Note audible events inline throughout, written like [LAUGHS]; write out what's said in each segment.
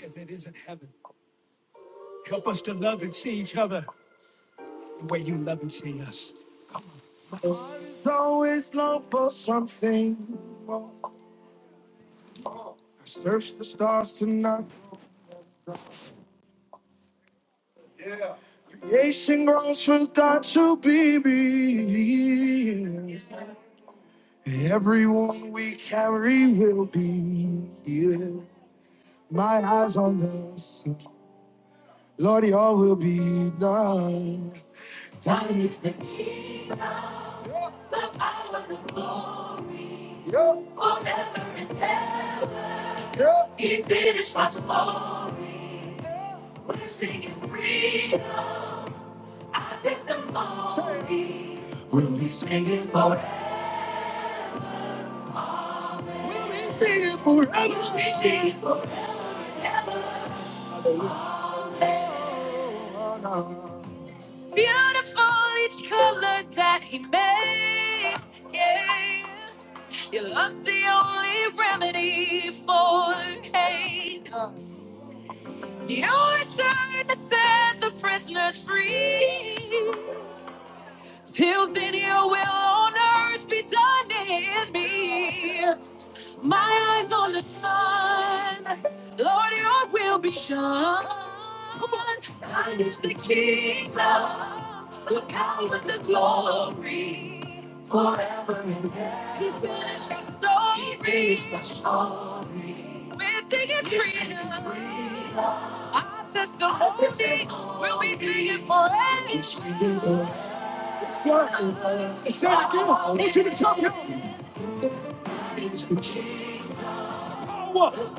if it isn't heaven. Help us to love and see each other the way you love and see us. It's always long for something more. I search the stars tonight. Creation groans for God to be revealed. Everyone we carry will be healed. My eyes on the sun. Lord, all will be done. Thine is the kingdom, power, and glory. Yep. He finished my irresponsible. We're singing free. Our testimony. We'll be singing forever. We'll be singing forever. We'll be singing forever. Beautiful each color that he made. Yeah. Your love's the only remedy for hate. Your turn to set the prisoners free. Till then, your will on earth be done in me. My eyes on the sun, Lord, your will be done. Thine is the kingdom, the power, the glory, forever. He finished our story. He finished our story. We're singing We're singing freedom. freedom. Our testimony, will be singing forever. Say it again. I want you to jump in. Power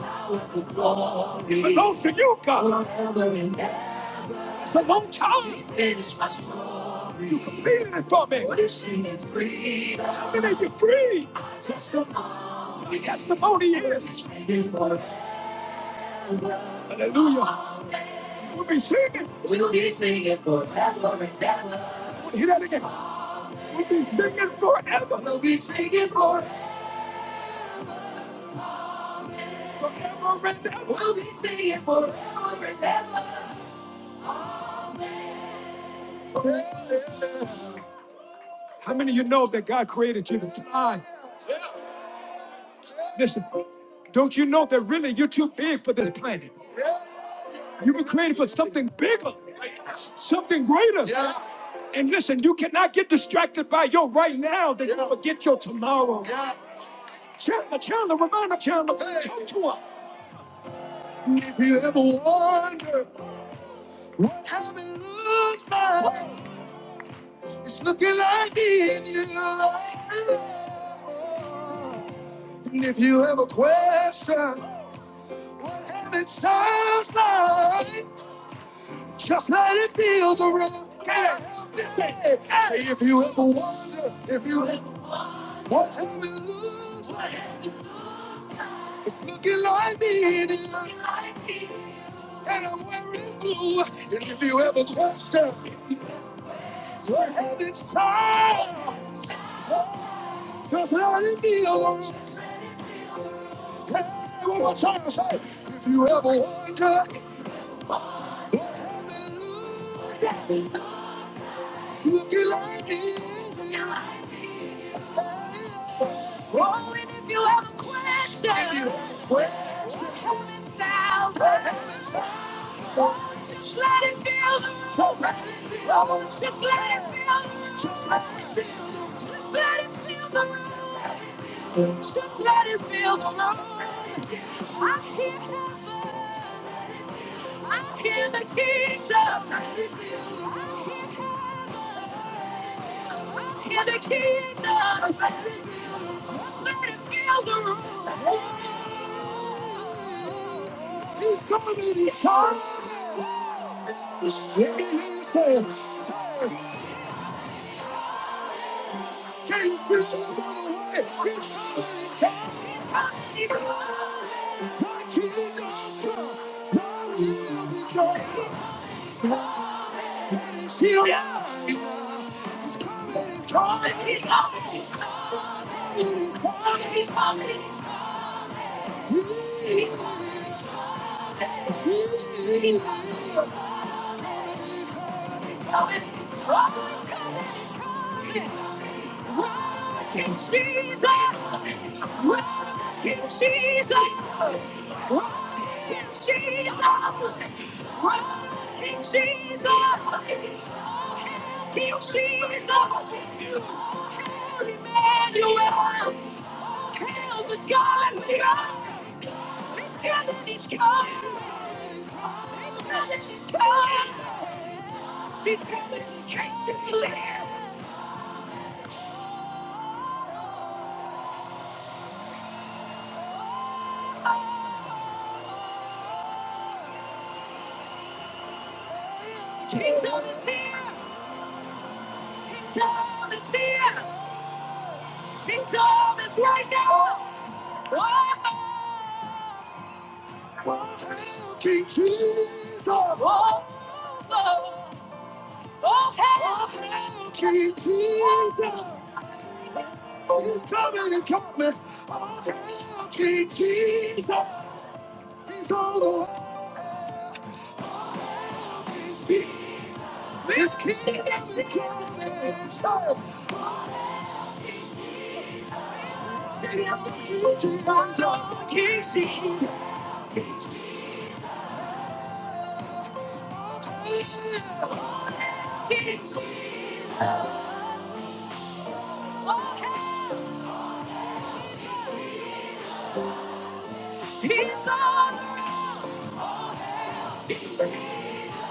it belongs to you, God. It's a long time. You completed it for me. How many are you free? My testimony is. Hallelujah. We'll be singing. We'll hear that again. We'll be singing forever, forever and ever. How many of you know that God created you to fly? Listen, don't you know that really you're too big for this planet? You were created for something bigger, something greater. Yes. And listen, you cannot get distracted by your right now that you Yeah. forget your tomorrow. Yeah. Chandler, Chandler, remind her, Chandler, Hey. talk to her. If you ever wonder what heaven looks like, it's looking like me and you. And if you ever question What heaven sounds like, just let it feel the rhythm. Can't help but say, say if you ever wonder, if you ever wonder, what heaven looks like, it's looking like me and you, and I'm wearing blue. And if you ever question what heaven sounds like, just let it feel the rhythm. Hey, one more time, say, if you ever wonder what heaven looks like, it's looking like me and you. Oh, and if you have a question, heaven sounds. Oh, just let it fill the room. Just let it fill the room. Just let it fill the room. Just let it fill the room. Just let it fill the room. Just let it fill the room. I hear heaven. I hear the kingdom. I hear the kingdom. Just let it fill the room. He's coming in. He's coming. He's coming. He's saying, Can't feel the other way. He's coming. He's coming. My kingdom come. Thy will be done. And He's here. coming. He's coming. He's coming. He's coming. He's coming. He's coming. He's coming. It's coming. It's coming. It's coming. It's coming. Rock you, Jesus! Rock you, Jesus! Rock you, Jesus! Rock you, Jesus! Kill Jesus! Kill Emmanuel! Kill the God with us! This God that is coming! This God that is coming! He's coming! He's coming! He's coming! Kingdom is here! His arm is here. His arm is right now. Oh, oh, help me, Jesus. Oh, oh, oh, help me, Oh, help me, Jesus. He's coming, he's coming. Oh, help me, Jesus. He's on the way. Oh, help me, Jesus. This kingdom is coming. So, say yes, to Jesus. Oh, he's on.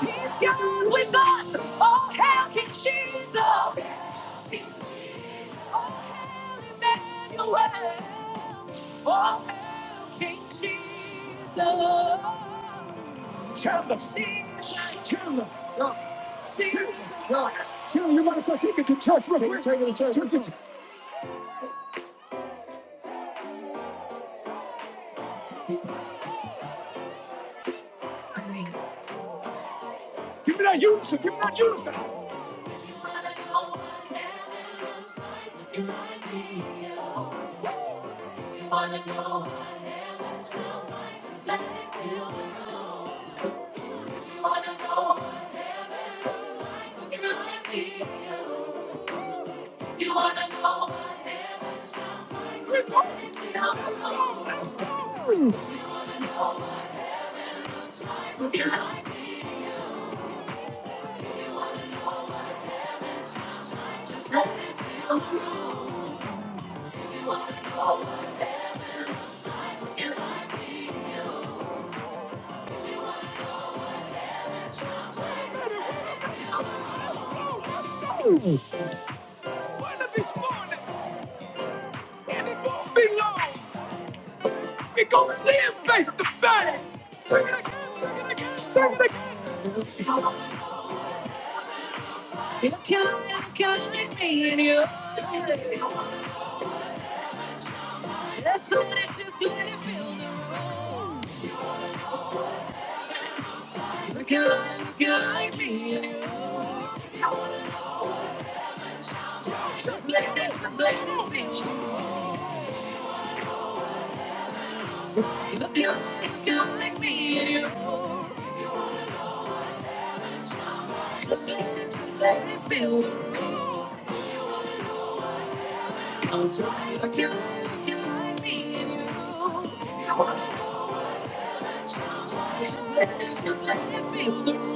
He's God with us. Oh, how King Jesus. Emmanuel. Oh, how King Jesus. Chandler. Jesus. Chandler. Yeah. Jesus. Yeah. Chandler, you might as well take it to church real quick. Take it to church. Give me that unison. Give me that unison. One of these mornings, and it won't be long. We gonna see him face to face. Sing it again, sing it again, sing it again. You're killing me, killing me in your way. Let's let it, just let it feel the You're killing me, killing me in your way. Just let it, just let it feel You're killing me, killing me in your way. Just let it, just let it feel me. I'll try, You're killing me, killing me in your way. Just let it, just let it feel me.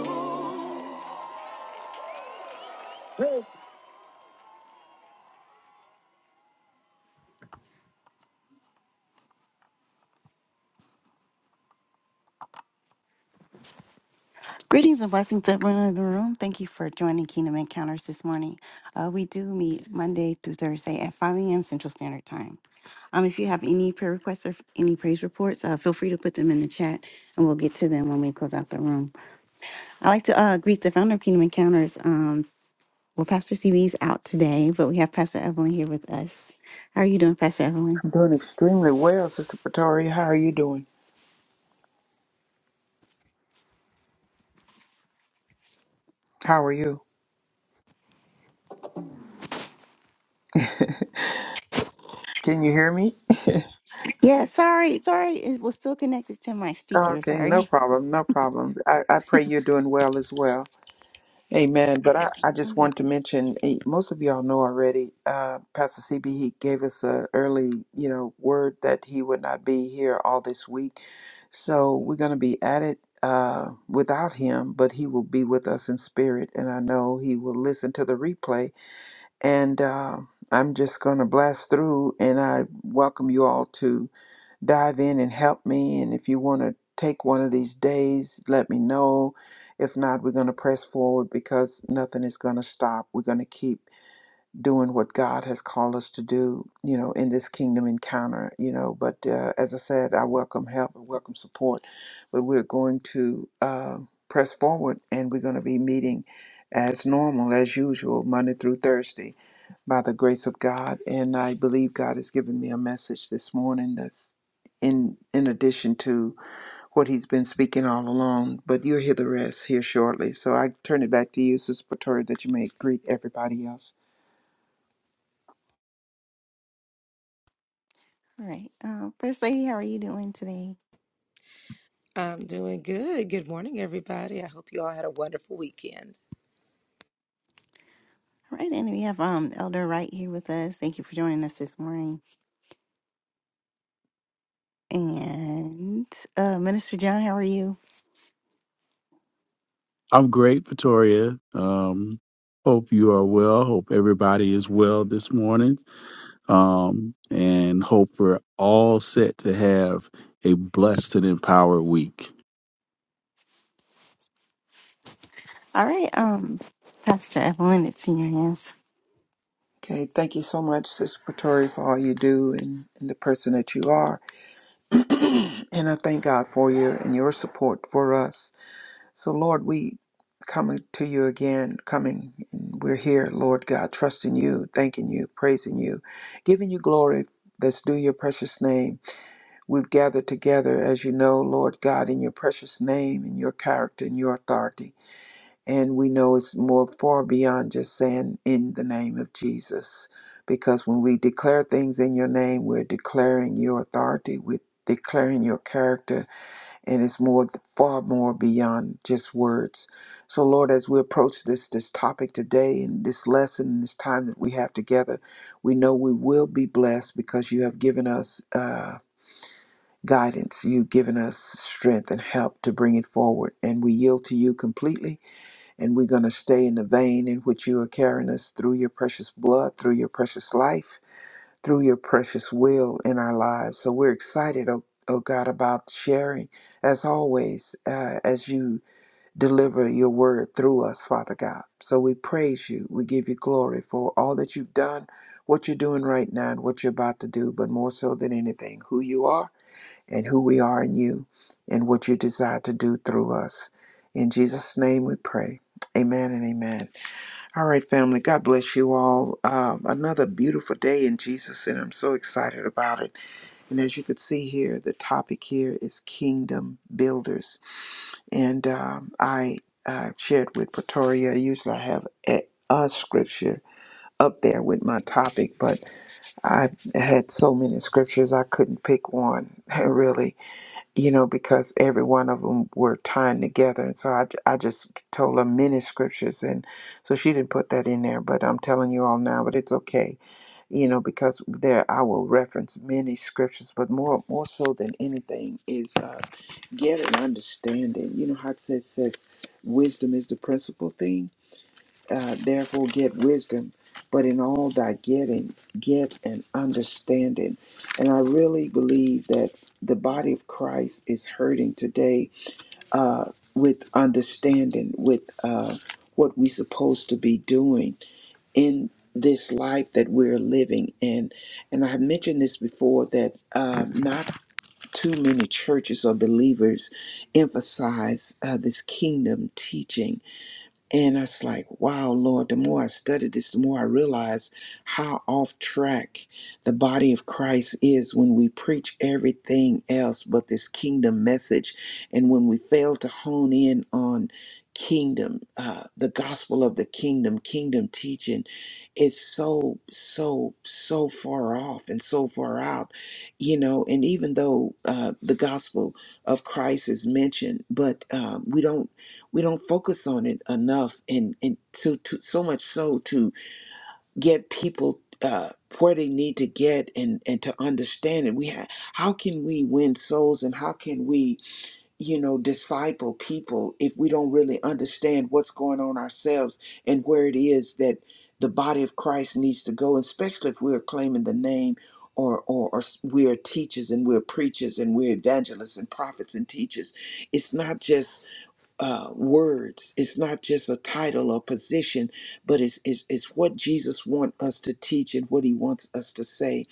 Greetings and blessings to everyone in the room. Thank you for joining Kingdom Encounters this morning. Uh, we do meet Monday through Thursday at 5 a.m. Central Standard Time. Um, if you have any prayer requests or f- any praise reports, uh, feel free to put them in the chat and we'll get to them when we close out the room. I'd like to uh, greet the founder of Kingdom Encounters. Um, well, Pastor CB's out today, but we have Pastor Evelyn here with us. How are you doing, Pastor Evelyn? I'm doing extremely well, Sister Pretori. How are you doing? How are you? Can you hear me? Yeah, sorry, sorry. It was still connected to my speaker. Okay, no Sorry. [LAUGHS] problem, no problem. I, I pray you're doing well as well. Amen. But I, I I'm just good. want to Thank mention, eh, most of y'all know already, uh, Pastor CB, he gave us a early, you know, word that he would not be here all this week. So we're going to be at it uh, without him, but he will be with us in spirit. And I know he will listen to the replay And uh, I'm just going to blast through, and I welcome you all to dive in and help me. And if you want to take one of these days, let me know. If not, we're going to press forward because nothing is going to stop. We're going to keep doing what God has called us to do, you know, in this kingdom encounter, you know. But uh, as I said, I welcome help, and welcome support, but we're going to uh, press forward and we're going to be meeting as normal, as usual, Monday through Thursday by the grace of God. And I believe God has given me a message this morning that's in in addition to what He's been speaking all along. But you'll hear the rest here shortly. So I turn it back to you, Sister Pretoria, that you may greet everybody else. you. All right. Uh, First Lady, how are you doing today? I'm doing good. Good morning, everybody. I hope you all had a wonderful weekend. All right, and we have um Elder Wright here with us. Thank you for joining us this morning. And uh Minister John, how are you? I'm great, Pretoria. Um, hope you are well. Hope everybody is well this morning. Um, and hope we're all set to have a blessed and empowered week. All right, um Pastor Evelyn, it's in your hands. Okay, thank you so much, Sister Pretoria, for all you do and, and the person that you are. [CLEARS THROAT] and I thank God for you and your support for us So, Lord, we coming to you again, coming, and we're here, Lord God, trusting you, thanking you, praising you, giving you glory. That's due your precious name. We've gathered together, as you know, Lord God, in your precious name, in your character, in your authority. And we know it's more far beyond just saying in the name of Jesus. Because when we declare things in your name, we're declaring your authority, we're declaring your character, and it's more far more beyond just words so lord as we approach this this topic today and this lesson and this time that we have together we know we will be blessed because you have given us uh guidance you've given us strength and help to bring it forward and we yield to you completely and we're going to stay in the vein in which you are carrying us through your precious blood through your precious life through your precious will in our lives. So we're excited, oh, oh God, about sharing as always uh, as you deliver your word through us, Father God. So we praise you. We give you glory for all that you've done, what you're doing right now, and what you're about to do, but more so than anything, who you are and who we are in you and what you desire to do through us. In Jesus' name we pray. Amen and amen. All right, family. God bless you all. Um, another beautiful day in Jesus, and I'm so excited about it. And as you could see here, the topic here is kingdom builders. And um, I uh, shared with Pretoria. Usually, I have a, a scripture up there with my topic, but I had so many scriptures I couldn't pick one [LAUGHS] really you know, because every one of them were tying together. And so I, j- I just told her many scriptures. And so she didn't put that in there, but I'm telling you all now, but it's okay, you know, because there I will reference many scriptures, but more, more so than anything is uh, get an understanding. You know how it says, says wisdom is the principal thing? uh, therefore get wisdom, but in all thy getting, get an understanding. And I really believe that the body of Christ is hurting today uh, with understanding, with uh, what we're supposed to be doing in this life that we're living in. And I have mentioned this before that uh, not too many churches or believers emphasize uh, this kingdom teaching and I was like, wow, Lord, the more I studied this, the more I realized how off track the body of Christ is when we preach everything else but this kingdom message. And when we fail to hone in on kingdom, uh, the gospel of the kingdom, kingdom teaching, it's so, so, so far off and so far out, you know. And even though uh, the gospel of Christ is mentioned, but uh, we don't we don't focus on it enough and and so to so much so to get people uh where they need to get and and to understand it we have how can we win souls and how can we you know disciple people if we don't really understand what's going on ourselves and where it is that the body of christ needs to go especially if we're claiming the name or, or, or we're teachers and we're preachers and we're evangelists and prophets and teachers. It's not just uh, words. It's not just a title or position, but it's, it's, it's what Jesus wants us to teach and what he wants us to say.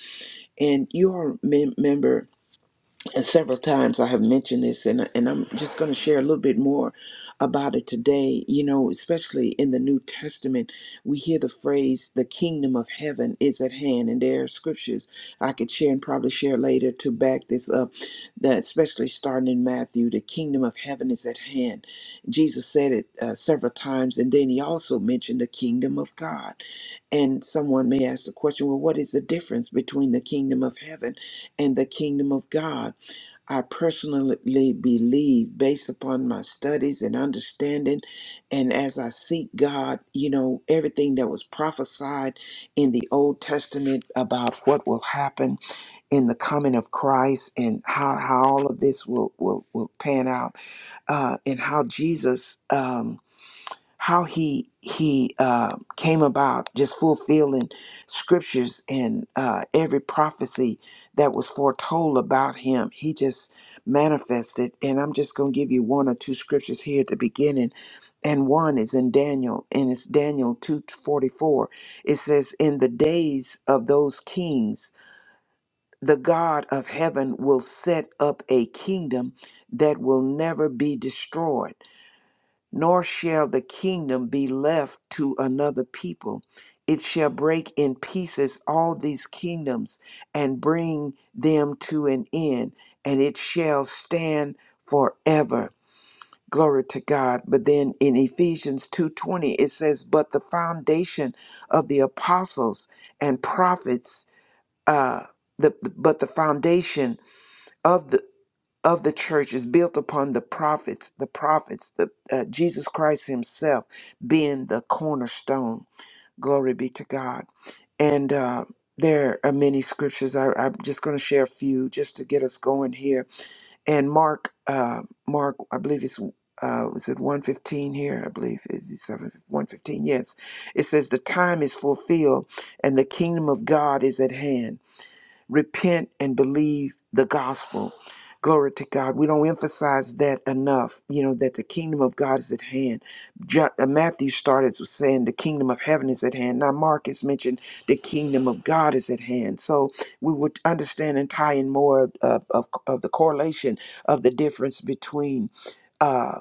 And you all remember and several times I have mentioned this, and and I'm just going to share a little bit more about it today. You know, especially in the New Testament, we hear the phrase "the kingdom of heaven is at hand," and there are scriptures I could share and probably share later to back this up. That especially starting in Matthew, the kingdom of heaven is at hand. Jesus said it uh, several times, and then he also mentioned the kingdom of God. And someone may ask the question, well, what is the difference between the kingdom of heaven and the kingdom of God? I personally believe, based upon my studies and understanding, and as I seek God, you know, everything that was prophesied in the Old Testament about what will happen in the coming of Christ and how, how all of this will, will, will pan out, uh, and how Jesus. Um, how he he uh, came about just fulfilling scriptures and uh, every prophecy that was foretold about him he just manifested and i'm just going to give you one or two scriptures here at the beginning and one is in daniel and it's daniel 244 it says in the days of those kings the god of heaven will set up a kingdom that will never be destroyed nor shall the kingdom be left to another people. It shall break in pieces all these kingdoms and bring them to an end, and it shall stand forever. Glory to God. But then in Ephesians 2:20 it says, "But the foundation of the apostles and prophets, uh, the, but the foundation of the." of the church is built upon the prophets, the prophets, the uh, Jesus Christ Himself being the cornerstone. Glory be to God. And uh, there are many scriptures. I, I'm just going to share a few just to get us going here. And Mark, uh, Mark, I believe it's uh, was it 115 here? I believe is it 7 115? Yes. It says the time is fulfilled and the kingdom of God is at hand repent and believe the gospel. Glory to God. We don't emphasize that enough, you know, that the kingdom of God is at hand. John, uh, Matthew started with saying the kingdom of heaven is at hand. Now, Mark has mentioned the kingdom of God is at hand. So we would understand and tie in more of, of, of the correlation of the difference between. uh,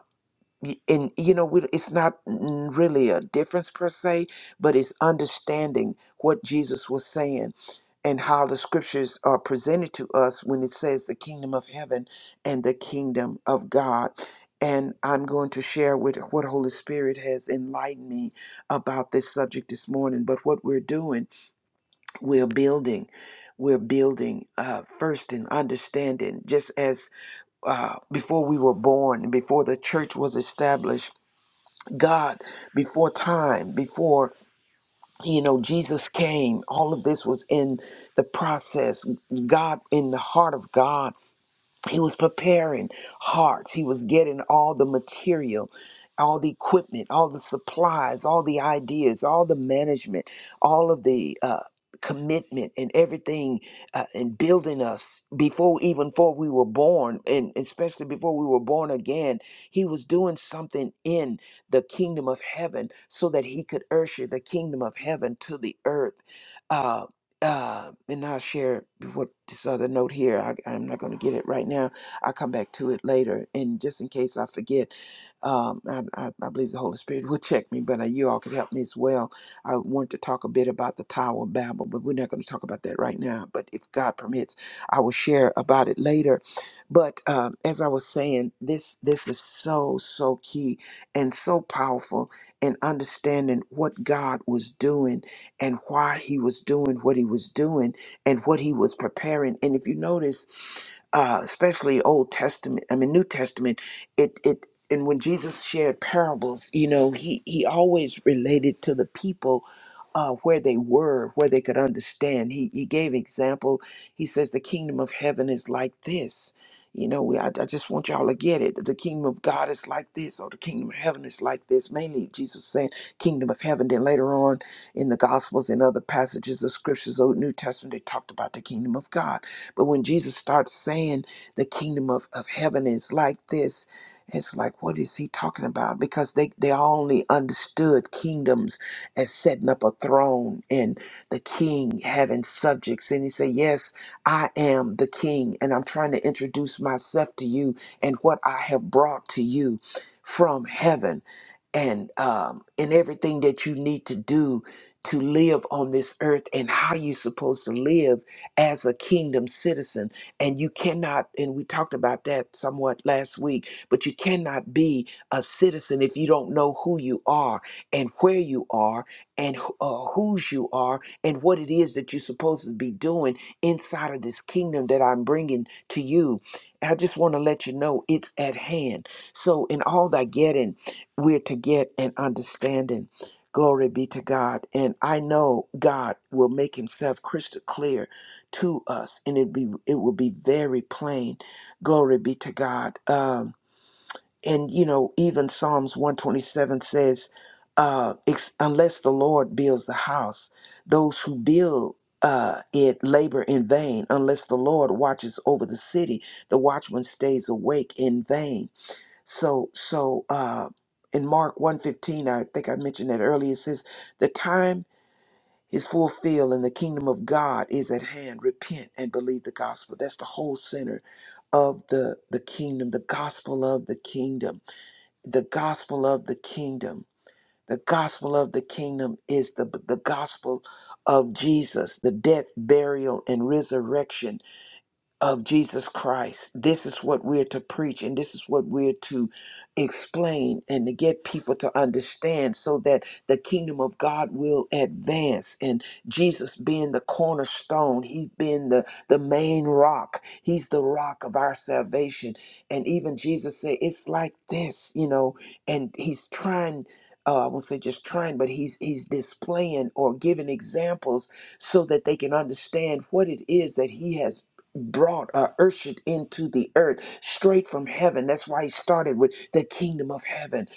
y- and you know we- it's not n- really a difference per se but it's understanding what jesus was saying and how the scriptures are presented to us when it says the kingdom of heaven and the kingdom of god and i'm going to share with what holy spirit has enlightened me about this subject this morning but what we're doing we're building we're building uh, first in understanding just as uh, before we were born before the church was established God before time, before you know Jesus came. All of this was in the process. God in the heart of God he was preparing hearts. He was getting all the material, all the equipment, all the supplies, all the ideas, all the management, all of the uh, commitment and everything uh, and building us before even before we were born and especially before we were born again he was doing something in the kingdom of heaven so that he could usher the kingdom of heaven to the earth Uh, uh, and I'll share what this other note here. I, I'm not going to get it right now. I'll come back to it later. And just in case I forget, um, I, I, I believe the Holy Spirit [LAUGHS] will check me, but uh, you all could help me as well. I want to talk a bit about the Tower of Babel, but we're not going to talk about that right now. But if God permits, I will share about it later. But um, as I was saying, this this is so so key and so powerful in understanding what God was doing and why he was doing what he was doing and what he was preparing. And if you notice, uh, especially Old Testament. I mean, New Testament. It it and when Jesus shared parables, you know, he he always related to the people uh, where they were, where they could understand. He he gave example. He says the kingdom of heaven is like this. You know, we, I, I just want y'all to get it. The kingdom of God is like this, or the kingdom of heaven is like this. Mainly, Jesus saying kingdom of heaven. Then later on in the Gospels and other passages of scriptures, Old New Testament, they talked about the kingdom of God but when Jesus starts saying the kingdom of, of heaven is like this, it's like, what is he talking about? Because they, they only understood kingdoms as setting up a throne and the king having subjects. And he said, Yes, I am the king, and I'm trying to introduce myself to you and what I have brought to you from heaven and um, and everything that you need to do to live on this earth and how you're supposed to live as a kingdom citizen and you cannot and we talked about that somewhat last week but you cannot be a citizen if you don't know who you are and where you are and who- uh, whose you are and what it is that you're supposed to be doing inside of this kingdom that I'm bringing to you I just want to let you know it's at hand so in all that getting we're to get an understanding. Glory be to God. And I know God will make himself crystal clear to us and it be it will be very plain. Glory be to God. Um and you know, even Psalms 127 says, uh, ex- unless the Lord builds the house, those who build uh, it labor in vain. Unless the Lord watches over the city, the watchman stays awake in vain. So so uh in Mark 115, I think I mentioned that earlier, it says the time is fulfilled and the kingdom of God is at hand. Repent and believe the gospel. That's the whole center of the the kingdom, the gospel of the kingdom. The gospel of the kingdom. The gospel of the kingdom is the the gospel of Jesus, the death, burial, and resurrection of Jesus Christ. This is what we're to preach and this is what we're to explain and to get people to understand so that the kingdom of God will advance. And Jesus being the cornerstone, he's been the, the main rock. He's the rock of our salvation. And even Jesus said, it's like this, you know, and he's trying uh, I won't say just trying, but he's he's displaying or giving examples so that they can understand what it is that he has brought uh, ushered into the earth straight from heaven. That's why he started with the kingdom of heaven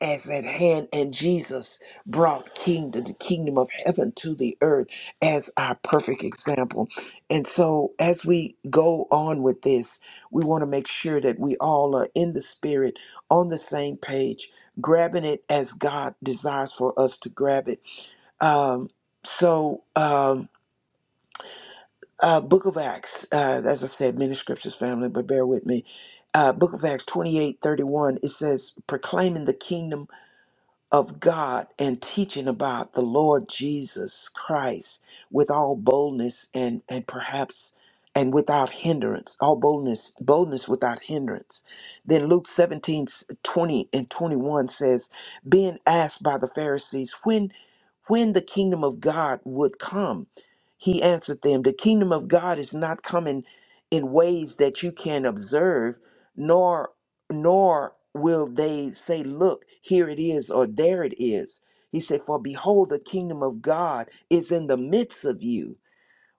as at hand, and Jesus brought kingdom, the kingdom of heaven to the earth as our perfect example. And so, as we go on with this, we want to make sure that we all are in the spirit, on the same page, grabbing it as God desires for us to grab it. Um, so. Um, uh, Book of Acts, uh, as I said, many scriptures, family, but bear with me. Uh, Book of Acts twenty eight thirty one. it says, proclaiming the kingdom of God and teaching about the Lord Jesus Christ with all boldness and and perhaps and without hindrance, all boldness, boldness without hindrance. Then Luke 17 20 and 21 says, being asked by the Pharisees when when the kingdom of God would come, he answered them, the kingdom of God is not coming in ways that you can observe, nor will they say, Look, here it is, or there it is. He said, For behold, the kingdom of God is in the midst of you.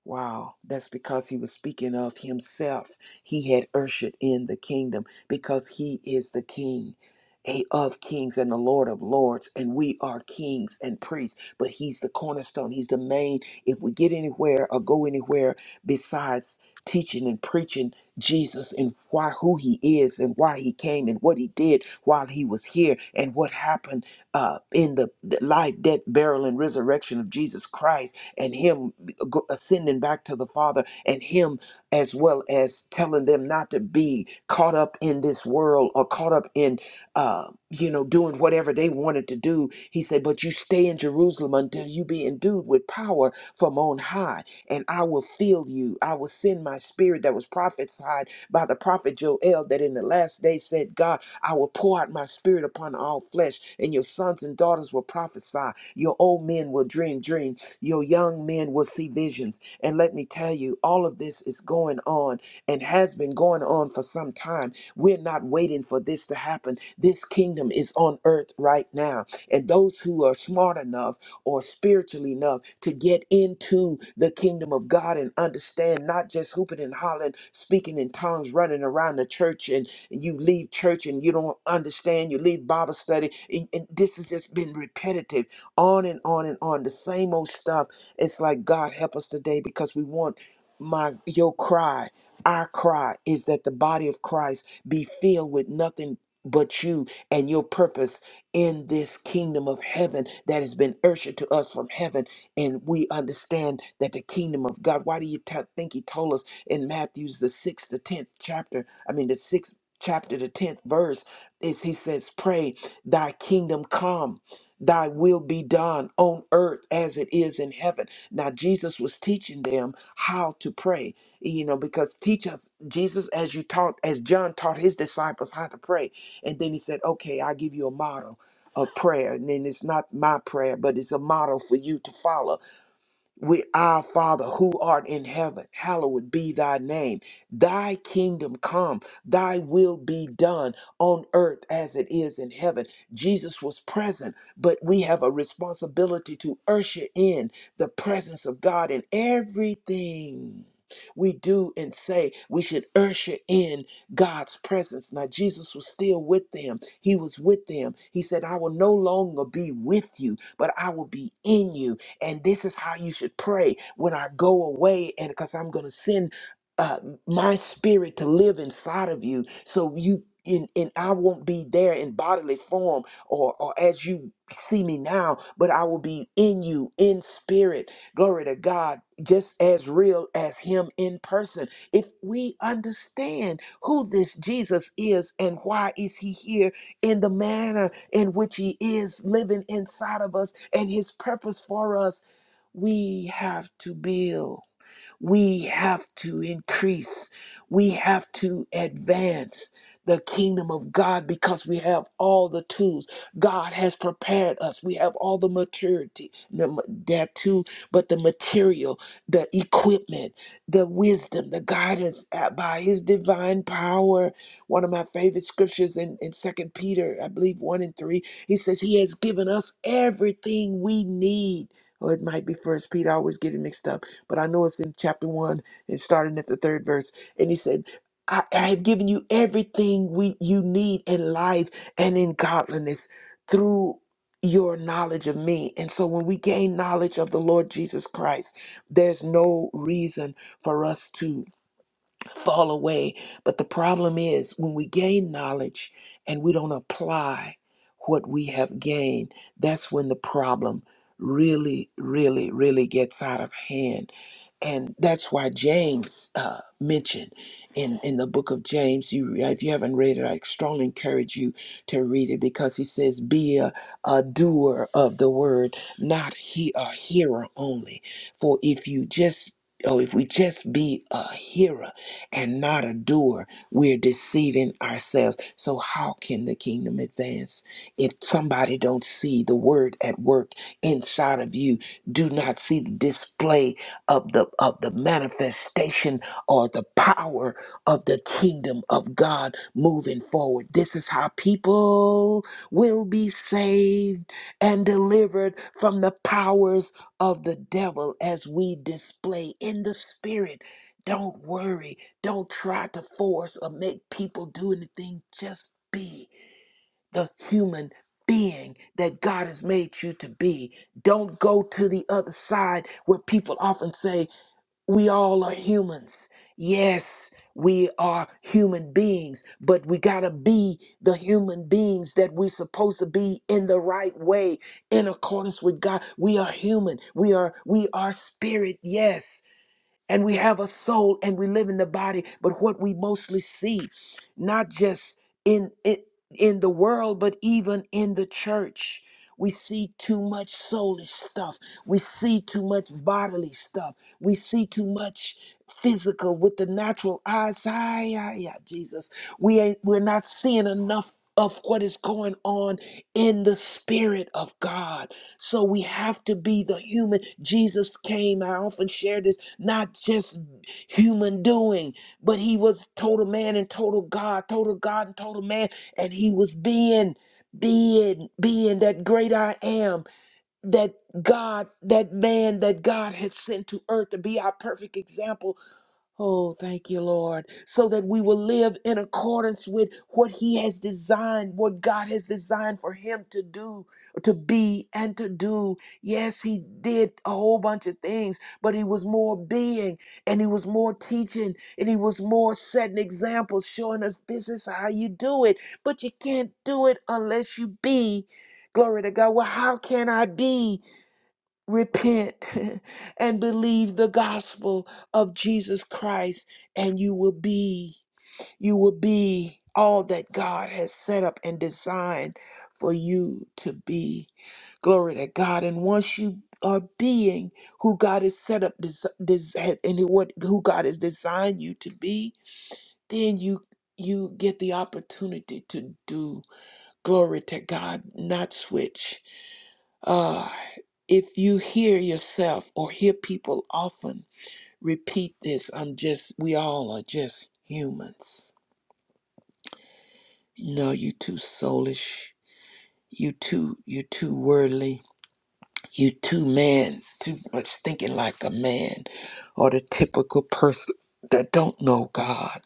Wow, that's because he was speaking of himself. He had ushered in the kingdom because he is the king eh, of kings and the Lord of lords, and we are kings and priests, but he's the cornerstone. He's the main. If we get anywhere or go anywhere besides teaching and preaching Jesus and why who he is and why he came and what he did while he was here and what happened uh, in the the life, death, burial, and resurrection of Jesus Christ, and him go- ascending back to the Father and Him, as well as telling them not to be caught up in this world or caught up in, uh, you know, doing whatever they wanted to do. He said, But you stay in Jerusalem until you be endued with power from on high, and I will fill you. I will send my spirit that was prophesied by the prophet Joel that in the last day said, God, I will pour out my spirit upon all flesh, and your sons and daughters will prophesy. Your old men will dream dreams, your young men will see visions. And let me tell you, all of this is going on and has been going on for some time. We're not waiting for this to happen. This kingdom is on earth right now. And those who are smart enough or spiritual enough to get into the kingdom of God and understand not just hooping and hollering, speaking in tongues, running around the church, and you leave church and you don't understand, you leave Bible study. And, and this has just been repetitive on and on and on the same old stuff it's like god help us today because we want my your cry our cry is that the body of christ be filled with nothing but you and your purpose in this kingdom of heaven that has been ushered to us from heaven and we understand that the kingdom of god why do you t- think he told us in matthew's the sixth to tenth chapter i mean the sixth chapter the tenth verse is he says pray thy kingdom come Thy will be done on earth as it is in heaven. Now, Jesus was teaching them how to pray, you know, because teach us, Jesus, as you taught, as John taught his disciples how to pray. And then he said, okay, I'll give you a model of prayer. And then it's not my prayer, but it's a model for you to follow we, our Father who art in heaven, hallowed be thy name. Thy kingdom come, thy will be done on earth as it is in heaven. Jesus was present, but we have a responsibility to usher in the presence of God in everything we do and say. We should usher in God's presence. Now, Jesus was still with them, He was with them. He said, I will no longer be with you, but I will be in you. And this is how you should pray when I go away, and because I'm going to send uh, my spirit to live inside of you, so you. In, and I won't be there in bodily form or, or as you see me now, but I will be in you in spirit. Glory to God, just as real as Him in person. If we understand who this Jesus is and why is He here in the manner in which He is living inside of us and His purpose for us, we have to build. We have to increase. We have to advance the kingdom of God because we have all the tools. God has prepared us. We have all the maturity, the- that too, but the material, the equipment, the wisdom, the guidance uh, by his divine power. One of my favorite scriptures in, in 2 Peter, I believe 1 and 3, he says, He has given us everything we need. Or it might be First Peter, I always get it mixed up but I know it's in chapter one and starting at the third verse. And he said, I, I have given you everything we you need in life and in godliness through your knowledge of me. And so when we gain knowledge of the Lord Jesus Christ, there's no reason for us to fall away. But the problem is when we gain knowledge and we don't apply what we have gained, that's when the problem really, really, really gets out of hand and that's why James uh, mentioned in in the book of James. You if you haven't read it, I strongly encourage you to read it because he says, "Be a, a doer of the word, not he a hearer only. For if you just or if we just be a hearer and not a doer, we're deceiving ourselves. So how can the kingdom advance if somebody don't see the word at work inside of you? Do not see the display." of the of the manifestation or the power of the kingdom of God moving forward. This is how people will be saved and delivered from the powers of the devil as we display in the spirit. Don't worry. Don't try to force or make people do anything. Just be the human being that God has made you to be. Don't go to the other side where people often say, we all are humans. Yes, we are human beings, but we got to be the human beings that we're supposed to be in the right way in accordance with God. We are human. We are we are spirit. Yes and we have a soul and we live in the body but what we mostly see not just in in, in the world but even in the church we see too much soulish stuff we see too much bodily stuff we see too much physical with the natural eyes ay, ay, ay, jesus we ain't we're not seeing enough of what is going on in the spirit of god so we have to be the human. Jesus came, I often share this, not just human doing, but he was total man and total God, total God and total man. And he was being, being, being that great I am, that God, that man that God had sent to earth to be our perfect example Oh, thank you, Lord, so that we will live in accordance with what He has designed, what God has designed for Him to do, to be, and to do. Yes, He did a whole bunch of things, but He was more being, and He was more teaching, and He was more setting examples, showing us this is how you do it. But you can't do it unless you be. Glory to God. Well, how can I be? repent [LAUGHS] and believe the gospel of Jesus Christ and you will be you will be all that God has set up and designed for you to be glory to God and once you are being who God has set up des- des- and what who God has designed you to be then you you get the opportunity to do glory to God not switch uh, if you hear yourself or hear people often repeat this, I'm just, we all are just humans. No, you too soulish. You too, you too worldly. You too man, too much thinking like a man or the typical person that don't know God.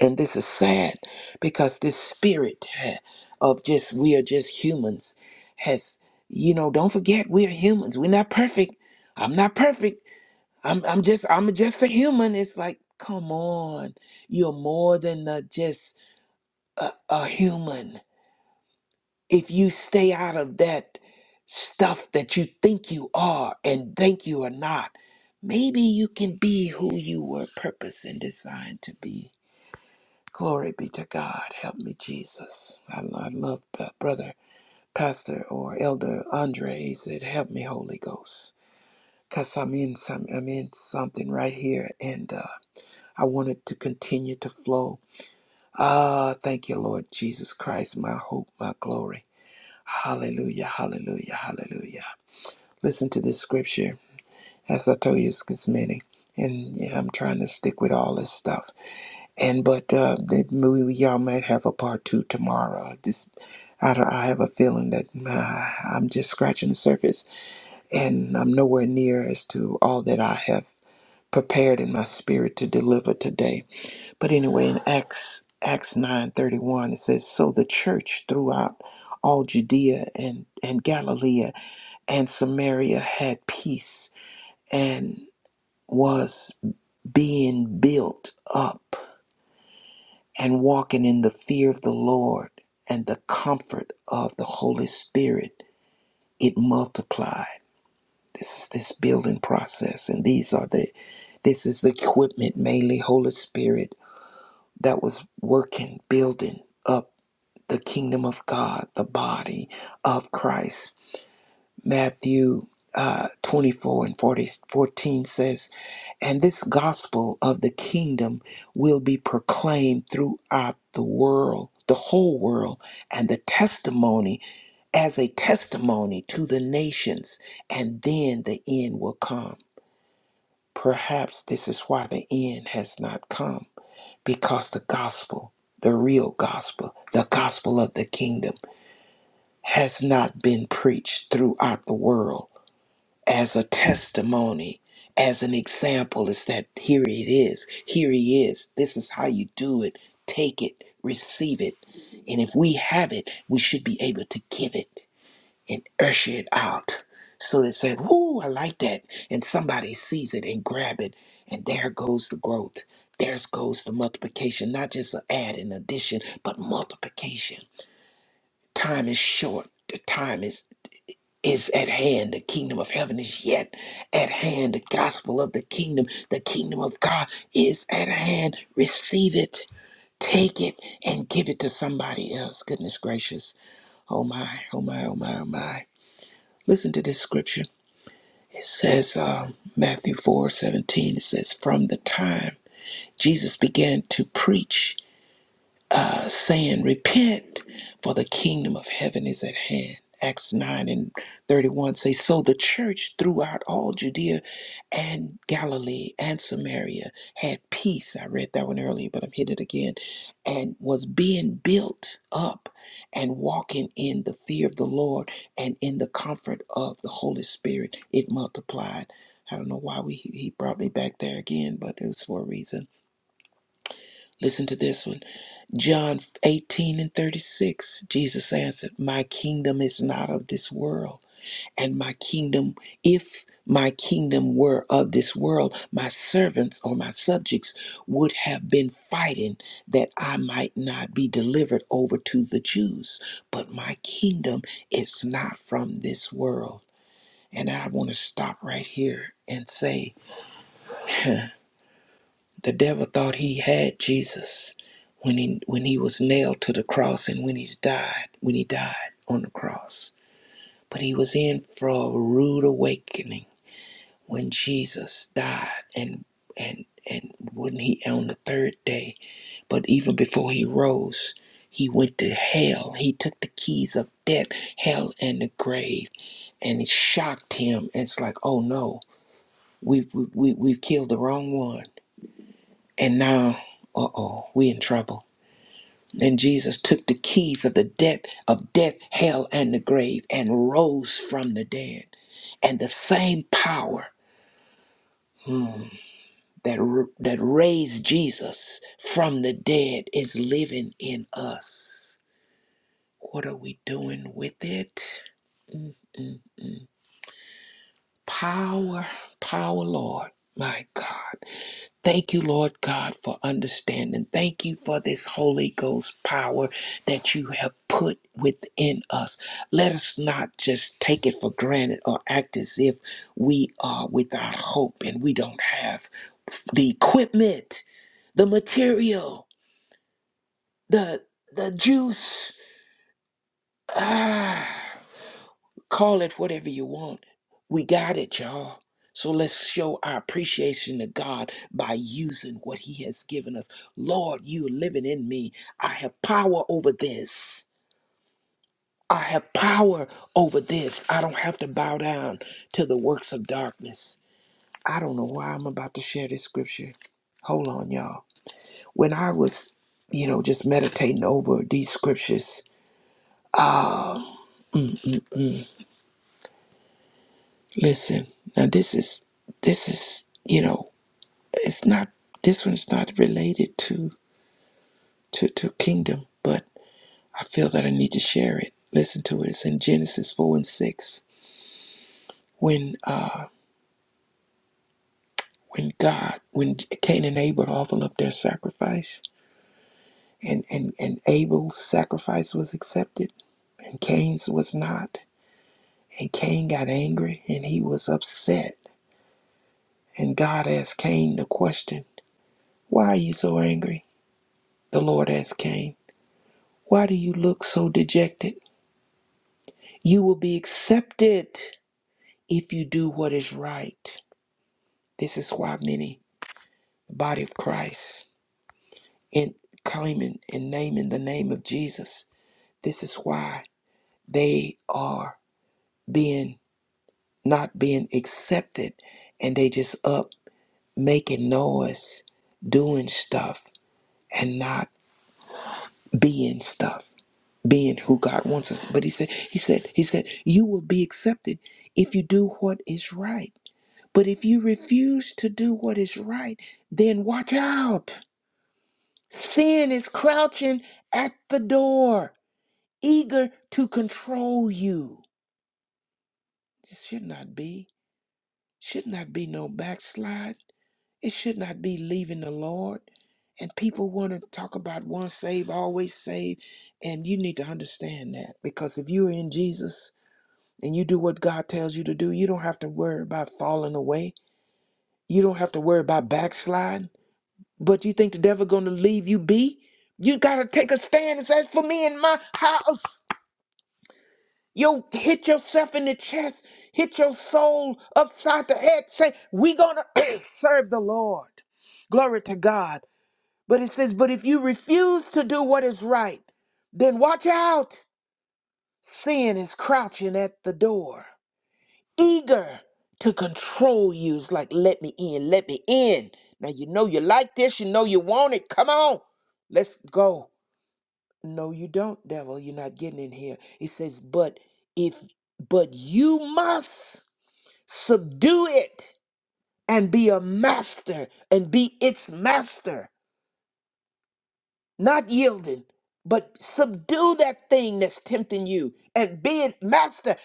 And this is sad because this spirit eh, of just, we are just humans has, you know, don't forget we're humans. We're not perfect. I'm not perfect. I'm I'm just I'm just a human. It's like, come on, you're more than the, just a, a human. If you stay out of that stuff that you think you are and think you are not, maybe you can be who you were purposed and designed to be. Glory be to God. Help me, Jesus. I, lo- I love that brother, pastor, or elder Andre. He said, "Help me, Holy Ghost." Cause I'm in some, I'm in something right here, and uh, I want it to continue to flow. Ah, thank you, Lord Jesus Christ, my hope, my glory. Hallelujah, hallelujah, hallelujah. Listen to this scripture. As I told you, it's, it's many. And yeah, I'm trying to stick with all this stuff. And but uh, that maybe we- y'all might have a part two tomorrow. This, I, don't- I have a feeling that uh, I'm just scratching the surface, and I'm nowhere near as to all that I have prepared in my spirit to deliver today. But anyway, in Acts Acts nine thirty one, it says, "So the church throughout all Judea and and Galilee and Samaria had peace and was being built up and walking in the fear of the Lord and the comfort of the Holy Spirit. It multiplied." This is this building process, and these are the this is the equipment mainly Holy Spirit that was working, building up the kingdom of God, the body of Christ. Matthew uh, 24 and forty-fourteen says, And this gospel of the kingdom will be proclaimed throughout the world, the whole world, and the testimony as a testimony to the nations, and then the end will come. Perhaps this is why the end has not come, because the gospel, the real gospel, the gospel of the kingdom, has not been preached throughout the world as a testimony, as an example, is that here it is, here he is, this is how you do it, take it, receive it. And if we have it, we should be able to give it and usher it out. So they said, Whoo, I like that. And somebody sees it and grab it, and there goes the growth. There goes the multiplication, not just an add and addition, but multiplication. Time is short. The time is is at hand. The kingdom of heaven is yet at hand. The gospel of the kingdom, the kingdom of God is at hand. Receive it, take it, and give it to somebody else. Goodness gracious. Oh my, oh my, oh my, oh my. Listen to this scripture. It says, um, Matthew 4 17. it says, From the time Jesus began to preach saying, Repent, for the kingdom of heaven is at hand. Acts 9 and 31 say, So the church throughout all Judea and Galilee and Samaria had peace. I read that one earlier, but I'm hitting it again. And was being built up and walking in the fear of the Lord and in the comfort of the Holy Spirit. It multiplied. I don't know why we, he brought me back there again, but it was for a reason. Listen to this one. John 18 and 36, Jesus answered, My kingdom is not of this world. And my kingdom, if my kingdom were of this world, my servants or my subjects would have been fighting that I might not be delivered over to the Jews. But my kingdom is not from this world. And I want to stop right here and say, The devil thought he had Jesus when he when he was nailed to the cross and when he's died, when he died on the cross. But he was in for a rude awakening when Jesus died and and and when he on the third day, but even before he rose, he went to hell. He took the keys of death, hell and the grave, and it shocked him. It's like, oh no, we've we, we, we've killed the wrong one. And now, uh oh, we in trouble And Jesus took the keys of the death of death, hell, and the grave, and rose from the dead. And the same power hmm, that r- that raised Jesus from the dead is living in us. What are we doing with it? Mm, mm, mm. Power, power, Lord, my God. Thank you, Lord God, for understanding. Thank you for this Holy Ghost power that you have put within us. Let us not just take it for granted or act as if we are without hope and we don't have the equipment, the material, the the juice. Ah. Call it whatever you want. We got it, y'all. So let's show our appreciation to God by using what He has given us. Lord, you are living in me. I have power over this. I have power over this. I don't have to bow down to the works of darkness. I don't know why I'm about to share this scripture. Hold on, y'all. When I was, you know, just meditating over these scriptures, listen, now this is, this is, you know, It's not this one's not related to to to kingdom, but I feel that I need to share it. Listen to it. It's in Genesis four and six. When uh when God when Cain and Abel offered up their sacrifice and, and, and Abel's sacrifice was accepted and Cain's was not. And Cain got angry and he was upset. And God asked Cain the question, Why are you so angry? The Lord asked Cain, Why do you look so dejected? You will be accepted if you do what is right. This is why many, the body of Christ, in claiming and naming the name of Jesus, this is why they are being not being accepted and they just up making noise, doing stuff and not being stuff, being who God wants us. But he said, he said, he said, you will be accepted if you do what is right. But if you refuse to do what is right, then watch out. Sin is crouching at the door, eager to control you. It should not be. Should not be no backslide. It should not be leaving the Lord. And people want to talk about once saved, always saved. And you need to understand that because if you're in Jesus and you do what God tells you to do, you don't have to worry about falling away. You don't have to worry about backsliding. But you think the devil gonna leave you be? You gotta take a stand and say, "As for me and my house, you hit yourself in the chest, hit your soul upside the head, say, we gonna [CLEARS THROAT] serve the Lord. Glory to God. But it says, but if you refuse to do what is right, then watch out. Sin is crouching at the door, eager to control you. It's like, let me in, let me in. Now you know you like this, you know you want it. Come on, let's go. No, you don't, devil. You're not getting in here. It says, but if, but you must subdue it and be a master and be its master, not yielding, but subdue that thing that's tempting you and be it master,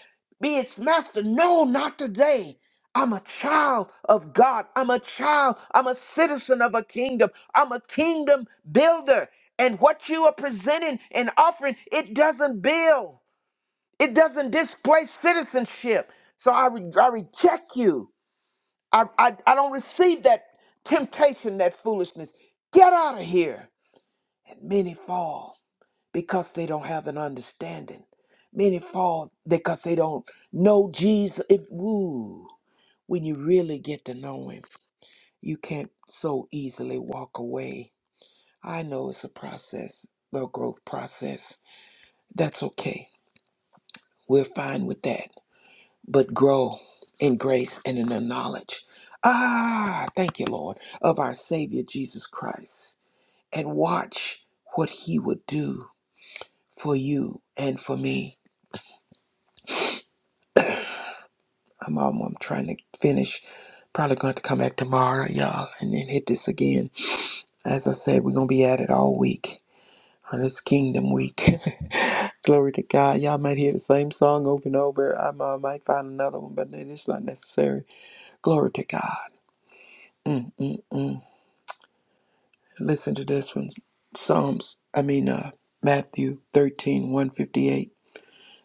be its master. No, not today. I'm a child of God. I'm a child. I'm a citizen of a kingdom. I'm a kingdom builder. And what you are presenting and offering, it doesn't build. It doesn't displace citizenship. So I, re- I reject you. I, I, I don't receive that temptation, that foolishness. Get out of here. And many fall because they don't have an understanding. Many fall because they don't know Jesus. If, woo, when you really get to know him, you can't so easily walk away. I know it's a process, a growth process. That's okay. We're fine with that. but grow in grace and in the knowledge. Ah, thank you, Lord, of our Savior Jesus Christ. And watch what he would do for you and for me. I'm, I'm, I'm trying to finish. Probably going to come back tomorrow, y'all, and then hit this again. As I said, we're going to be at it all week. uh, This Kingdom Week. [LAUGHS] Glory to God. Y'all might hear the same song over and over. I might might find another one, but then it's not necessary. Glory to God. Mm, mm, mm. Listen to this one. Psalms, I mean, uh, Matthew thirteen one fifty eight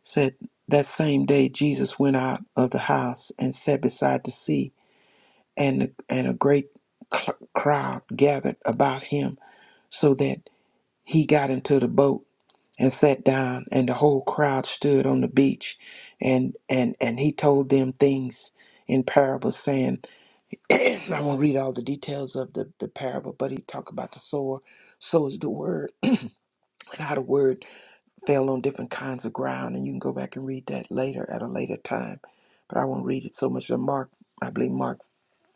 said, That same day Jesus went out of the house and sat beside the sea, and, and a great cl- crowd gathered about him, so that he got into the boat and sat down, and the whole crowd stood on the beach. And, and, and he told them things in parables, saying, [CLEARS THROAT] I won't read all the details of the, the parable, but he talked about the sower So is the word and how the word fell on different kinds of ground. And you can go back and read that later at a later time. But I won't read it so much. Mark, I believe Mark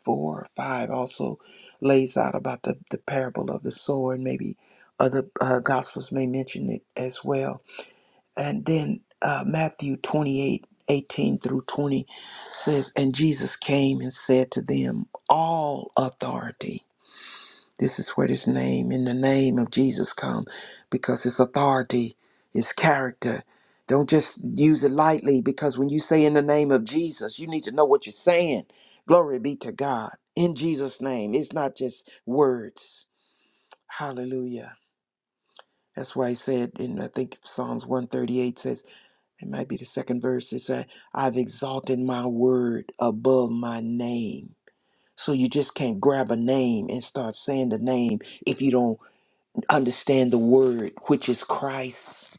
4 or 5 also lays out about the, the parable of the sower, and maybe other uh, gospels may mention it as well. And then uh, Matthew 28 18 through 20 says, And Jesus came and said to them, All authority. This is where this name, in the name of Jesus, come because it's authority, it's character. Don't just use it lightly because when you say in the name of Jesus, you need to know what you're saying. Glory be to God. In Jesus' name, it's not just words. Hallelujah. That's why he said in, I think Psalms 138 says, it might be the second verse, it said, I've exalted my word above my name. So you just can't grab a name and start saying the name if you don't understand the word, which is Christ,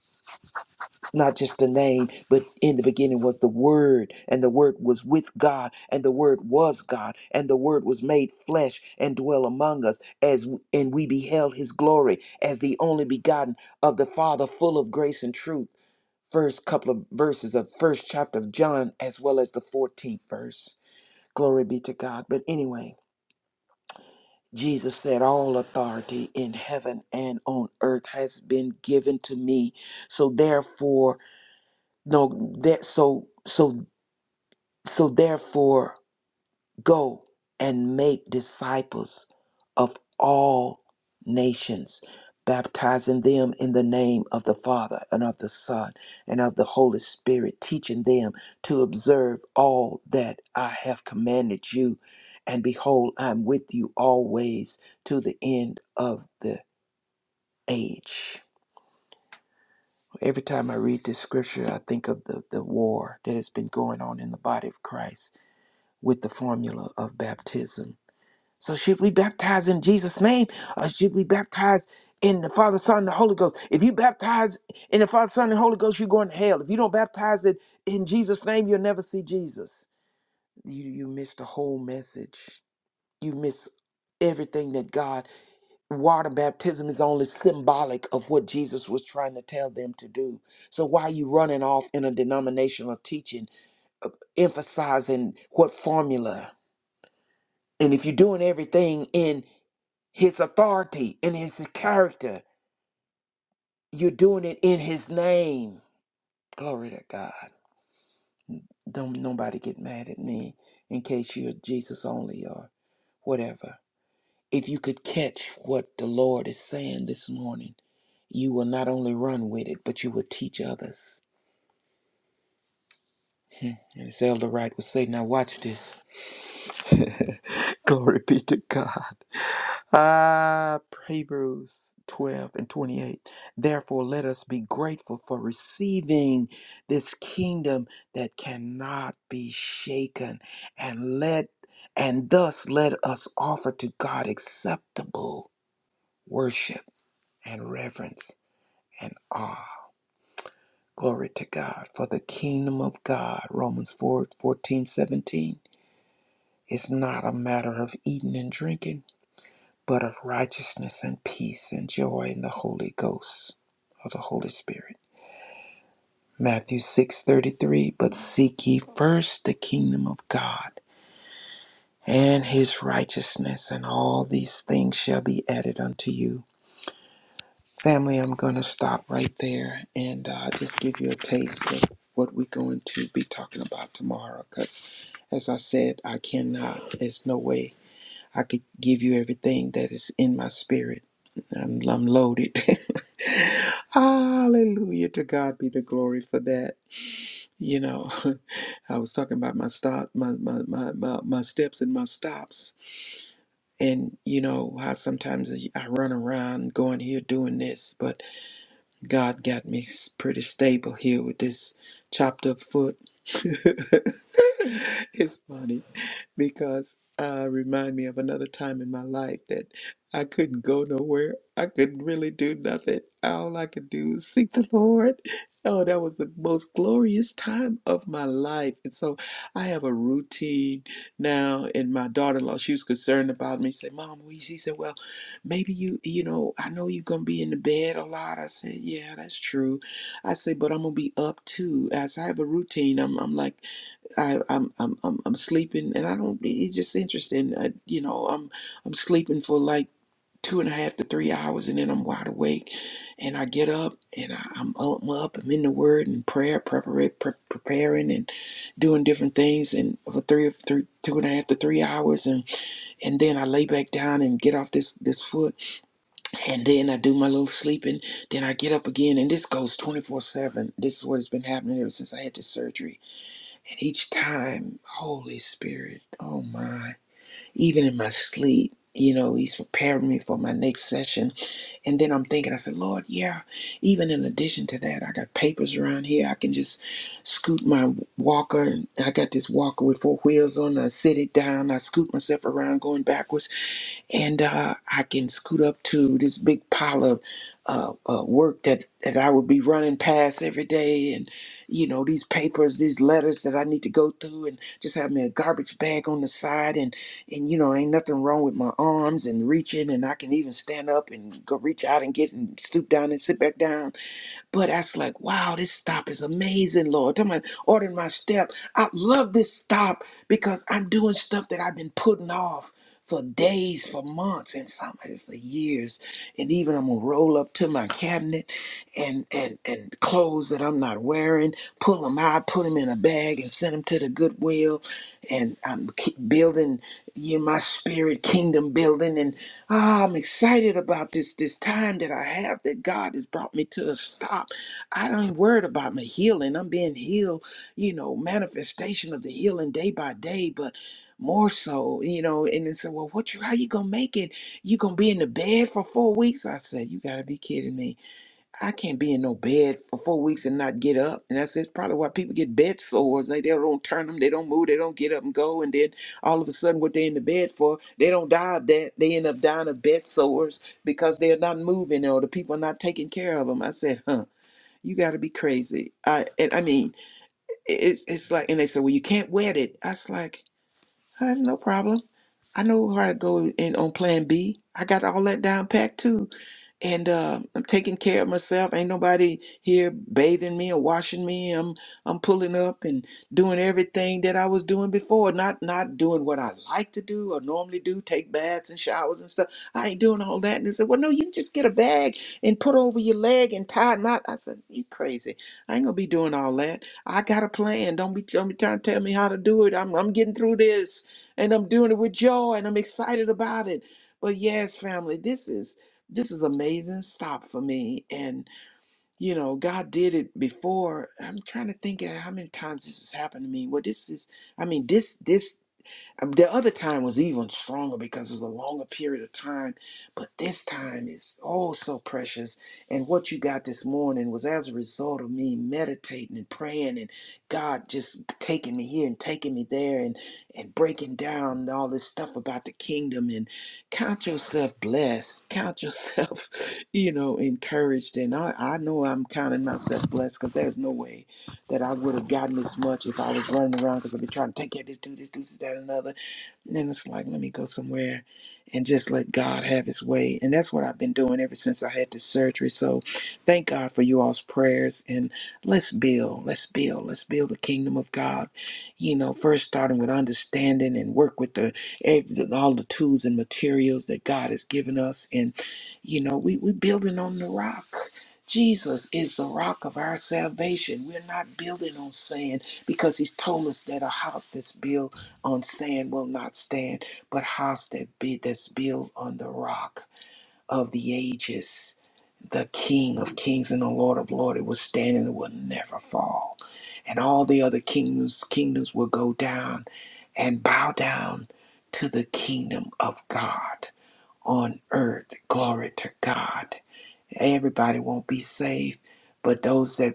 not just the name, but in the beginning was the word, and the word was with God, and the word was God, and the word was made flesh and dwell among us, as and we beheld his glory as the only begotten of the Father, full of grace and truth. First couple of verses of first chapter of John, as well as the 14th verse. Glory be to God. But anyway, Jesus said, All authority in heaven and on earth has been given to me. So therefore, no that so so so therefore Go and make disciples of all nations, baptizing them in the name of the Father and of the Son and of the Holy Spirit, teaching them to observe all that I have commanded you. And behold, I'm with you always to the end of the age. Every time I read this scripture, I think of the, the war that has been going on in the body of Christ with the formula of baptism So should we baptize in Jesus' name or should we baptize in the Father, Son, and the Holy Ghost? If you baptize in the Father, Son, and Holy Ghost, you're going to hell. If you don't baptize it in Jesus' name, you'll never see Jesus. You you miss the whole message. You miss everything that God water baptism is only symbolic of what Jesus was trying to tell them to do. So why are you running off in a denominational teaching, uh, emphasizing what formula? And if you're doing everything in his authority and his character. You're doing it in his name. Glory to God. Don't nobody get mad at me in case you're Jesus only or whatever. If you could catch what the Lord is saying this morning, you will not only run with it, but you will teach others. Hmm. And as Elder Wright would say, now watch this. [LAUGHS] Glory be to God. Ah, Hebrews 12 and 28. Therefore, let us be grateful for receiving this kingdom that cannot be shaken, and let and thus let us offer to God acceptable worship and reverence and awe. Glory to God. For the kingdom of God, Romans 4 14 17 is not a matter of eating and drinking but of righteousness and peace and joy in the Holy Ghost or the Holy Spirit. Matthew 6:33 But seek ye first the kingdom of God and his righteousness and all these things shall be added unto you. Family, I'm going to stop right there and uh, just give you a taste of what we're going to be talking about tomorrow cuz as I said, I cannot. There's no way I could give you everything that is in my spirit. I'm, I'm loaded. [LAUGHS] Hallelujah. To God be the glory for that. You know, [LAUGHS] I was talking about my stop, my, my, my, my, my steps and my stops. And you know how sometimes I run around going here doing this, but God got me s- pretty stable here with this chopped up foot. [LAUGHS] it's funny because uh, remind me of another time in my life that I couldn't go nowhere. I couldn't really do nothing. All I could do was seek the Lord. Oh, that was the most glorious time of my life. And so I have a routine now. And my daughter-in-law, she was concerned about me. Said, "Mom, we," she said, "Well, maybe you, you know, I know you're gonna be in the bed a lot." I said, "Yeah, that's true." I said, "But I'm gonna be up too." As I have a routine, I'm, I'm like. I, I'm, I'm I'm I'm sleeping, and I don't. It's just interesting. I, you know, I'm I'm sleeping for like two and a half to three hours, and then I'm wide awake, and I get up, and I, I'm up, I'm up, I'm in the Word and prayer, preparing, pre- preparing, and doing different things, and for three or three, two and a half to three hours, and and then I lay back down and get off this this foot, and then I do my little sleeping, then I get up again, and this goes 24 seven. This is what has been happening ever since I had this surgery and each time, Holy Spirit, oh my, even in my sleep, you know, he's preparing me for my next session. And then I'm thinking, I said, Lord, yeah, even in addition to that, I got papers around here. I can just scoot my walker. I got this walker with four wheels on. I sit it down. I scoot myself around going backwards and uh, I can scoot up to this big pile of uh, uh, work that, that I would be running past every day, and you know these papers, these letters that I need to go through, and just have me a garbage bag on the side, and and you know ain't nothing wrong with my arms and reaching, and I can even stand up and go reach out and get and stoop down and sit back down but I was like, wow, this stop is amazing, Lord. Tell me, ordering my step. I love this stop because I'm doing stuff that I've been putting off for days, for months, and some of it for years. And even I'm gonna roll up to my cabinet and and and clothes that I'm not wearing, pull them out, put them in a bag, and send them to the Goodwill. And I'm keep building you know, my spirit kingdom building Ah, I'm excited about this this time that I have that God has brought me to a stop. I ain't worried about my healing. I'm being healed, you know, manifestation of the healing day by day, but more so, you know, and they said, Well, what you how you gonna make it? You gonna be in the bed for four weeks? I said, You gotta be kidding me. I can't be in no bed for four weeks and not get up. And that's it's probably why people get bed sores. They, they don't turn them, they don't move, they don't get up and go. And then all of a sudden, what they're in the bed for, they don't die of that. They end up dying of bed sores because they're not moving or the people are not taking care of them. I said, huh, you got to be crazy. I and I mean, it's, it's like, and they said, well, you can't wet it. I was like, huh, no problem. I know how to go in on plan B. I got all that down packed too and uh, I'm taking care of myself. Ain't nobody here bathing me or washing me. I'm I'm pulling up and doing everything that I was doing before. Not not doing what I like to do or normally do, take baths and showers and stuff. I ain't doing all that. And they said, well, no, you can just get a bag and put over your leg and tie a knot. I said, you crazy? I ain't gonna be doing all that. I got a plan. Don't be don't be trying to tell me how to do it. I'm I'm getting through this, and I'm doing it with joy, and I'm excited about it. But yes, family, this is this is amazing stop for me and you know god did it before i'm trying to think of how many times this has happened to me well this is i mean this this um, The other time was even stronger because it was a longer period of time, but this time is oh so precious. And what you got this morning was as a result of me meditating and praying, and God just taking me here and taking me there, and and breaking down all this stuff about the kingdom. And count yourself blessed, count yourself, [LAUGHS] you know, encouraged. And I I know I'm counting myself blessed because there's no way that I would have gotten this much if I was running around because I've been trying to take care of this, do this, do this, that, and another and then it's like, let me go somewhere and just let God have his way. And that's what I've been doing ever since I had this surgery. So thank God for you all's prayers. And let's build, let's build, let's build the kingdom of God. You know, first starting with understanding and work with the every- all the tools and materials that God has given us. And, you know, we, we building on the rock. Jesus is the rock of our salvation. We're not building on sand because he's told us that a house that's built on sand will not stand, but house that be that's built on the rock of the ages, the King of kings and the Lord of lords, it will stand and it will never fall. And all the other kingdoms, kingdoms will go down and bow down to the kingdom of God on earth. Glory to God. Everybody won't be saved, but those that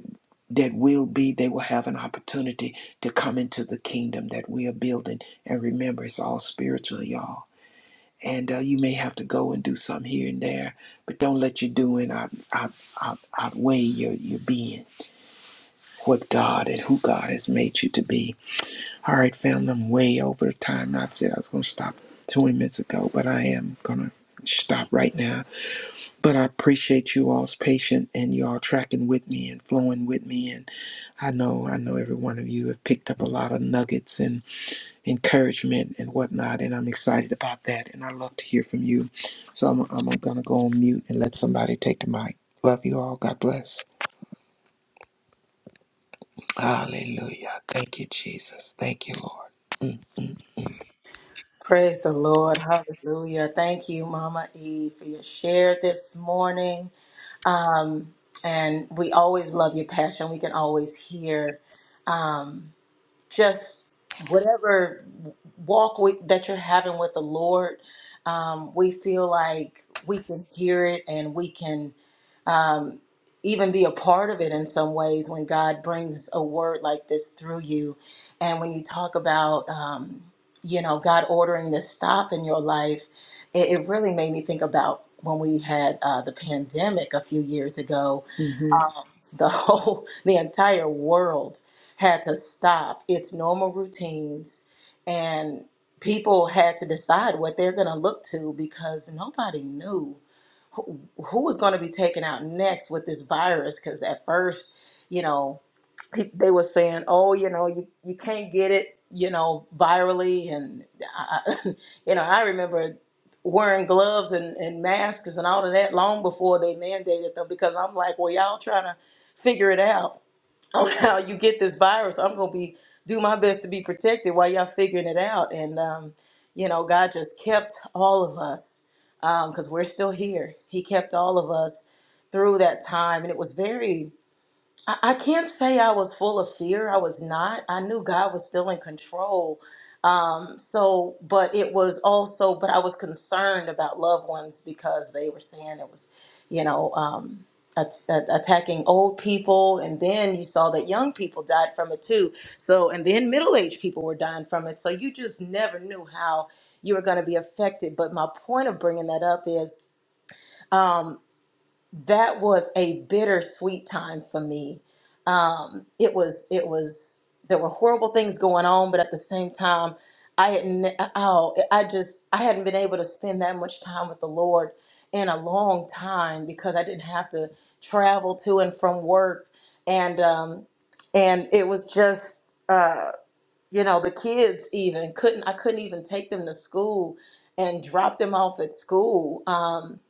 that will be, they will have an opportunity to come into the kingdom that we are building. And remember, it's all spiritual, y'all. And uh, you may have to go and do some here and there, but don't let your doing out, out, out, outweigh your, your being, what God and who God has made you to be. All right, family, I'm way over time. I said I was going to stop 20 minutes ago, but I am going to stop right now but I appreciate you all's patient and y'all tracking with me and flowing with me. And I know, I know every one of you have picked up a lot of nuggets and encouragement and whatnot. And I'm excited about that. And I love to hear from you. So I'm, I'm going to go on mute and let somebody take the mic. Love you all. God bless. Hallelujah. Thank you, Jesus. Thank you, Lord. Praise the Lord. Hallelujah. Thank you, Mama E, for your share this morning. Um, and we always love your passion. We can always hear. um, just whatever walk with, that you're having with the Lord, um, we feel like we can hear it and we can um, even be a part of it in some ways when God brings a word like this through you. And when you talk about, um, you know, God ordering this stop in your life, it, it really made me think about when we had uh, the pandemic a few years ago hmm [LAUGHS] the whole the entire world had to stop its normal routines and people had to decide what they're going to look to because nobody knew who, who was going to be taken out next with this virus because at first you know pe- they were saying oh you know you, you can't get it you know virally and I, I- [LAUGHS] you know i remember wearing gloves and, and masks and all of that long before they mandated them because i'm like well y'all trying to figure it out on [LAUGHS] how you get this virus. I'm gonna be do my best to be protected while y'all figuring it out. And um, you know, God just kept all of us because we're still here. He kept all of us through that time, and it was very I I can't say I was full of fear. I was not. I knew God was still in control. Um, so, but it was also, but I was concerned about loved ones because they were saying it was, you know, um, at- at- attacking old people. And then you saw that young people died from it too. So, and then middle aged people were dying from it. So you just never knew how you were going to be affected. But my point of bringing that up is. um, that was a bittersweet time for me. Um, it was, it was, there were horrible things going on, but at the same time, I hadn't, oh, I just, I hadn't been able to spend that much time with the Lord in a long time because I didn't have to travel to and from work. And, um, and it was just, uh, you know the kids even couldn't i couldn't even take them to school and drop them off at school um,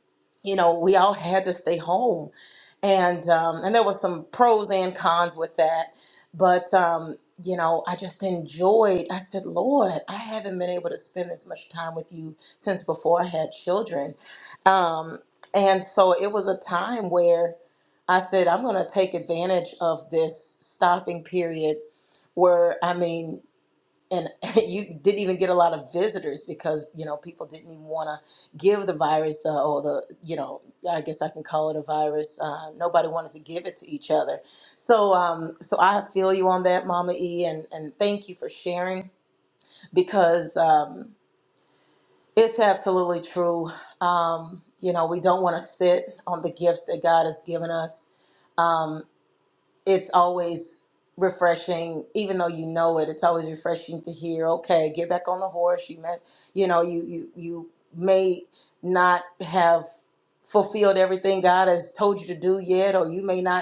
you know we all had to stay home and um, and there was some pros and cons with that but um, you know i just enjoyed i said lord i haven't been able to spend this much time with you since before i had children um, and so it was a time where i said i'm going to take advantage of this stopping period where i mean and [LAUGHS] you didn't even get a lot of visitors because you know people didn't even want to give the virus uh, or the you know I guess I can call it a virus. Uh, nobody wanted to give it to each other. So um, so I feel you on that, Mama E, and and thank you for sharing because um, it's absolutely true. Um, you know we don't want to sit on the gifts that God has given us. Um, it's always refreshing even though you know it it's always refreshing to hear okay get back on the horse you met you know you you you may not have fulfilled everything god has told you to do yet or you may not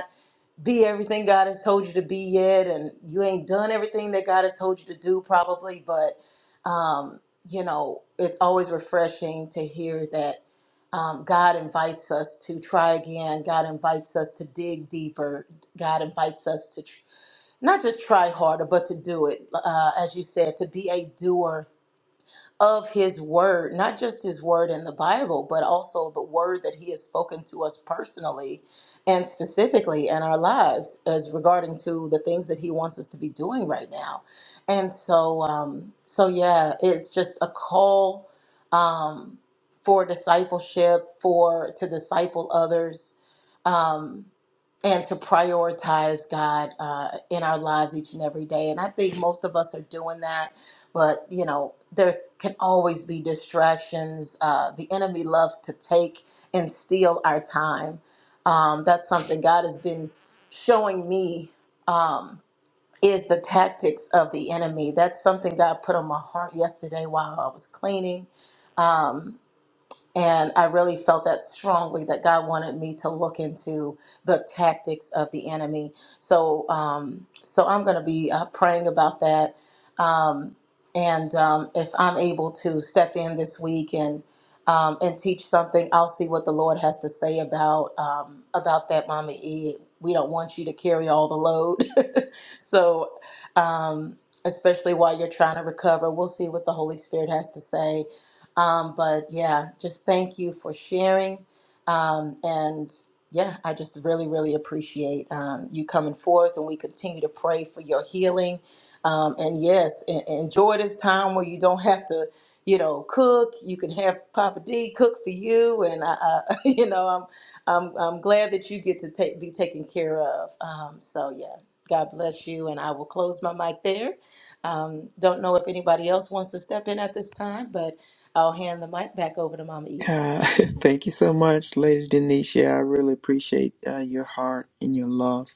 be everything God has told you to be yet, and you ain't done everything that God has told you to do, probably. But um, you know, it's always refreshing to hear that um, God invites us to try again. God invites us to dig deeper. God invites us to tr- not just try harder, but to do it. Uh, as you said, to be a doer of his word, not just his word in the Bible, but also the word that he has spoken to us personally and specifically in our lives as regarding to the things that he wants us to be doing right now. And so, um, so yeah, it's just a call um, for discipleship, for to disciple others. Um, and to prioritize God uh, in our lives each and every day. And I think most of us are doing that but you know there can always be distractions uh, the enemy loves to take and steal our time um, that's something god has been showing me um, is the tactics of the enemy that's something god put on my heart yesterday while i was cleaning Um, and I really felt that strongly that God wanted me to look into the tactics of the enemy. So, um, so I'm going to be uh, praying about that. Um, and um, if I'm able to step in this week and um, and teach something, I'll see what the Lord has to say about um, about that, Mama E. We don't want you to carry all the load. [LAUGHS] so, um, especially while you're trying to recover, we'll see what the Holy Spirit has to say um, but yeah, just thank you for sharing. Um, and yeah, I just really, really appreciate um, you coming forth, and we continue to pray for your healing. Um, and yes, en- enjoy this time where you don't have to, you know, cook. You can have Papa D cook for you, and I, I [LAUGHS] you know, I'm, I'm, I'm glad that you get to take, be taken care of. Um, so yeah, God bless you, and I will close my mic there. Um, don't know if anybody else wants to step in at this time, but I'll hand the mic back over to Mama E. Uh, [LAUGHS] thank you so much, Lady Denisha. I really appreciate uh, your heart and your love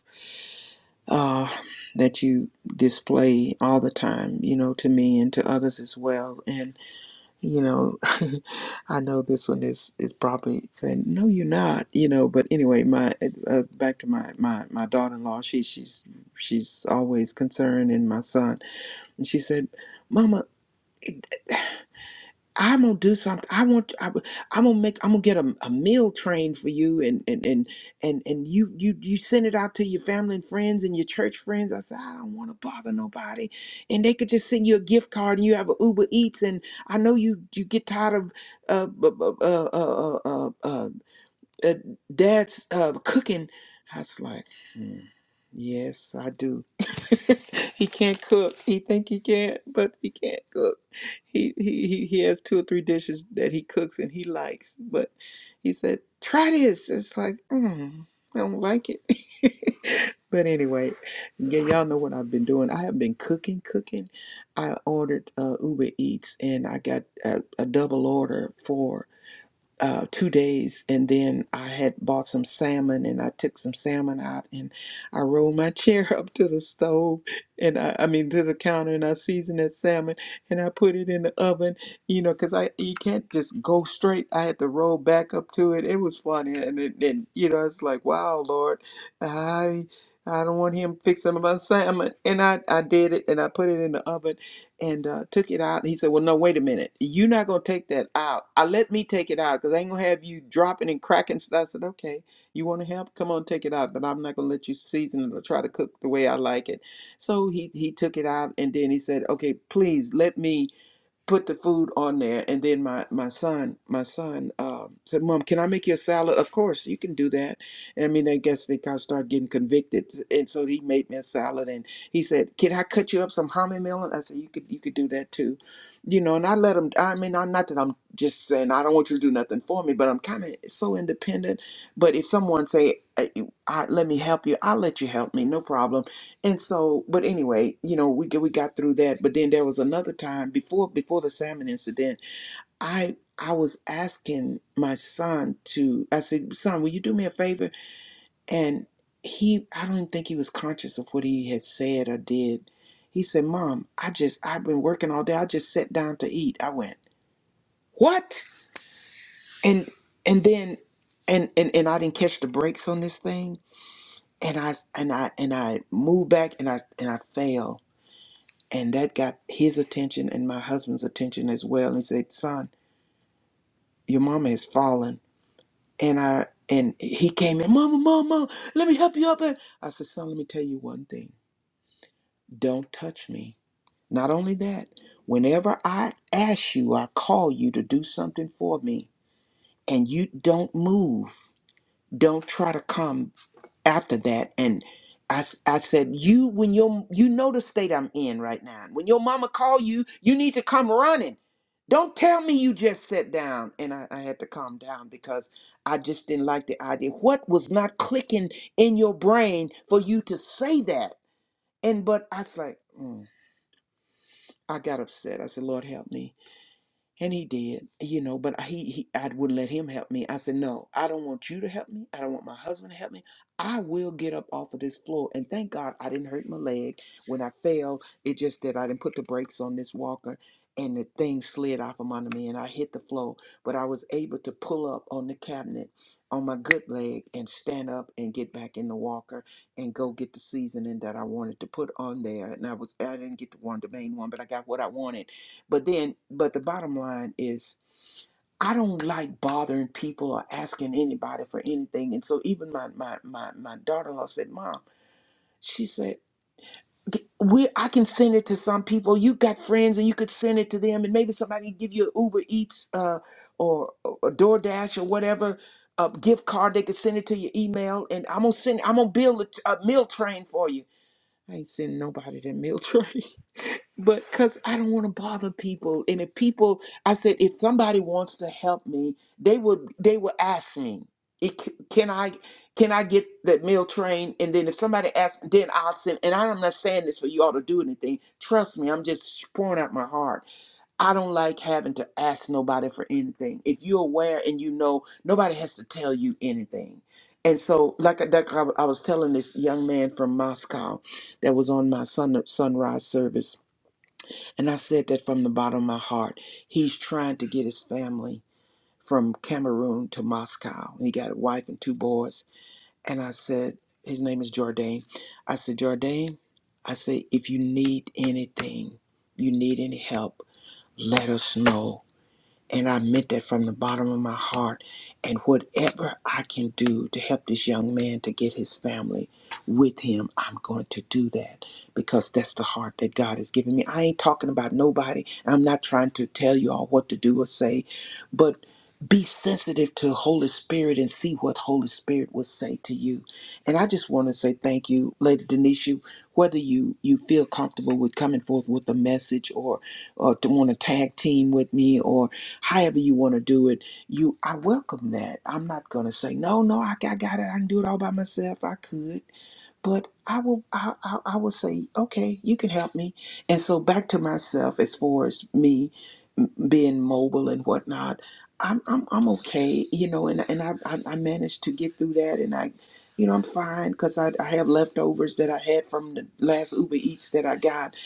uh, that you display all the time, you know, to me and to others as well. And you know, [LAUGHS] I know this one is is probably saying, "No, you're not," you know. But anyway, my uh, uh, back to my my my daughter-in-law. She she's she's always concerned, and my son. And she said, "Mama." I'm gonna do something. I want. I, am gonna make. I'm gonna get a, a meal train for you, and and and and and you you you send it out to your family and friends and your church friends. I said I don't want to bother nobody, and they could just send you a gift card, and you have a Uber Eats, and I know you you get tired of uh bu- bu- uh uh uh, uh, uh dad's uh cooking. I was like, hmm, yes, I do. [LAUGHS] he can't cook. He think he can, but he can't cook he, he he he has two or three dishes that he cooks and he likes, but he said, "Try this." It's like, mm, I don't like it. [LAUGHS] but anyway, yeah, y'all know what I've been doing. I have been cooking, cooking. I ordered uh, Uber Eats and I got a, a double order for uh, two days, and then I had bought some salmon, and I took some salmon out, and I rolled my chair [LAUGHS] up to the stove, and I, I mean to the counter, and I seasoned that salmon, and I put it in the oven, you know, because I you can't just go straight. I had to roll back up to it. It was funny, and it, and you know, it's like, wow, Lord, I I don't want him fixing my salmon, and I I did it, and I put it in the oven and uh, took it out. And he said, "Well, no, wait a minute. You're not gonna take that out. I let me take it out because I ain't gonna have you dropping and cracking." stuff." I said, "Okay, you want to help? Come on, take it out. But I'm not gonna let you season it or try to cook the way I like it." So he he took it out, and then he said, "Okay, please let me." put the food on there and then my my son my son um, said mom can i make you a salad of course you can do that and i mean i guess they kind of started getting convicted and so he made me a salad and he said can i cut you up some hominy melon i said you could you could do that too you know and i let him i mean i'm not that i'm just saying i don't want you to do nothing for me but i'm kind of so independent but if someone say I, I, let me help you i'll let you help me no problem and so, but anyway, you know, we get- we got through that. But then there was another time before before the salmon incident. I I was asking my son to. I said, "Son, will you do me a favor?" And he, I don't even think he was conscious of what he had said or did. He said, "Mom, I just I've been working all day. I just sat down to eat." I went, "What?" And and then and and and I didn't catch the brakes on this thing. And I and I and I moved back and I and I fell And that got his attention and my husband's attention as well. And he said, Son, your mama has fallen. And I and he came in, Mama, Mama, let me help you up. And I said, Son, let me tell you one thing. Don't touch me. Not only that, whenever I ask you, I call you to do something for me, and you don't move. Don't try to come after that and I, s- I said you when your you know the state i'm in right now when your mama call you you need to come running don't tell me you just sat down and I, I had to calm down because i just didn't like the idea what was not clicking in your brain for you to say that and but i was like mm, i got upset i said lord help me and he did, you know, but he, he I wouldn't let him help me. I said, No, I don't want you to help me. I don't want my husband to help me. I will get up off of this floor. And thank God I didn't hurt my leg. When I fell, it just that I didn't put the brakes on this walker and the thing slid off from under me and I hit the floor. But I was able to pull up on the cabinet on my good leg and stand up and get back in the walker and go get the seasoning that I wanted to put on there. And I was I didn't get the one the main one, but I got what I wanted but then, but the bottom line is, I don't like bothering people or asking anybody for anything. And so, even my my my my daughter-in-law said, "Mom," she said, "G- "We I can send it to some people. You got friends, and you could send it to them, and maybe somebody can give you an Uber Eats uh, or a DoorDash or whatever." A gift card, they could send it to your email, and I'm gonna send. I'm gonna build a, a meal train for you. I ain't sending nobody that meal [LAUGHS] train but because I don't want to bother people. And if people, I said, if somebody wants to help me, they would they would ask me, it, c- can I can I get that meal train? And then if somebody asks, then I'll send. And I'm not saying this for you all to do anything. Trust me, I'm just pouring out my heart. I don't like having to ask nobody for anything. If you're aware and you know, nobody has to tell you anything. And so, like, I- like I I was telling this young man from Moscow that was on my sun, sunrise service and I said that from the bottom of my heart. He's trying to get his family from Cameroon to Moscow. And he got a wife and two boys. And I said, his name is Jordan. I said, Jordan, I said, if you need anything, you need any help, let us know. And I meant that from the bottom of my heart. And whatever I can do to help this young man to get his family with him, I'm going to do that because that's the heart that God has given me. I ain't talking about nobody. I'm not trying to tell you all what to do or say, but be sensitive to Holy Spirit and see what Holy Spirit will say to you. And I just want to say thank you, Lady Denisha, whether you you feel comfortable with coming forth with a message or or to want to tag team with me or however you want to do it you i welcome that i'm not going to say no no I, got- I got it i can do it all by myself i could but i will I, I i will say okay you can help me and so back to myself as far as me being mobile and whatnot. I'm I'm I'm okay, you know, and and I I, I managed to get through that, and I, you know, I'm fine because I I have leftovers that I had from the last Uber Eats that I got,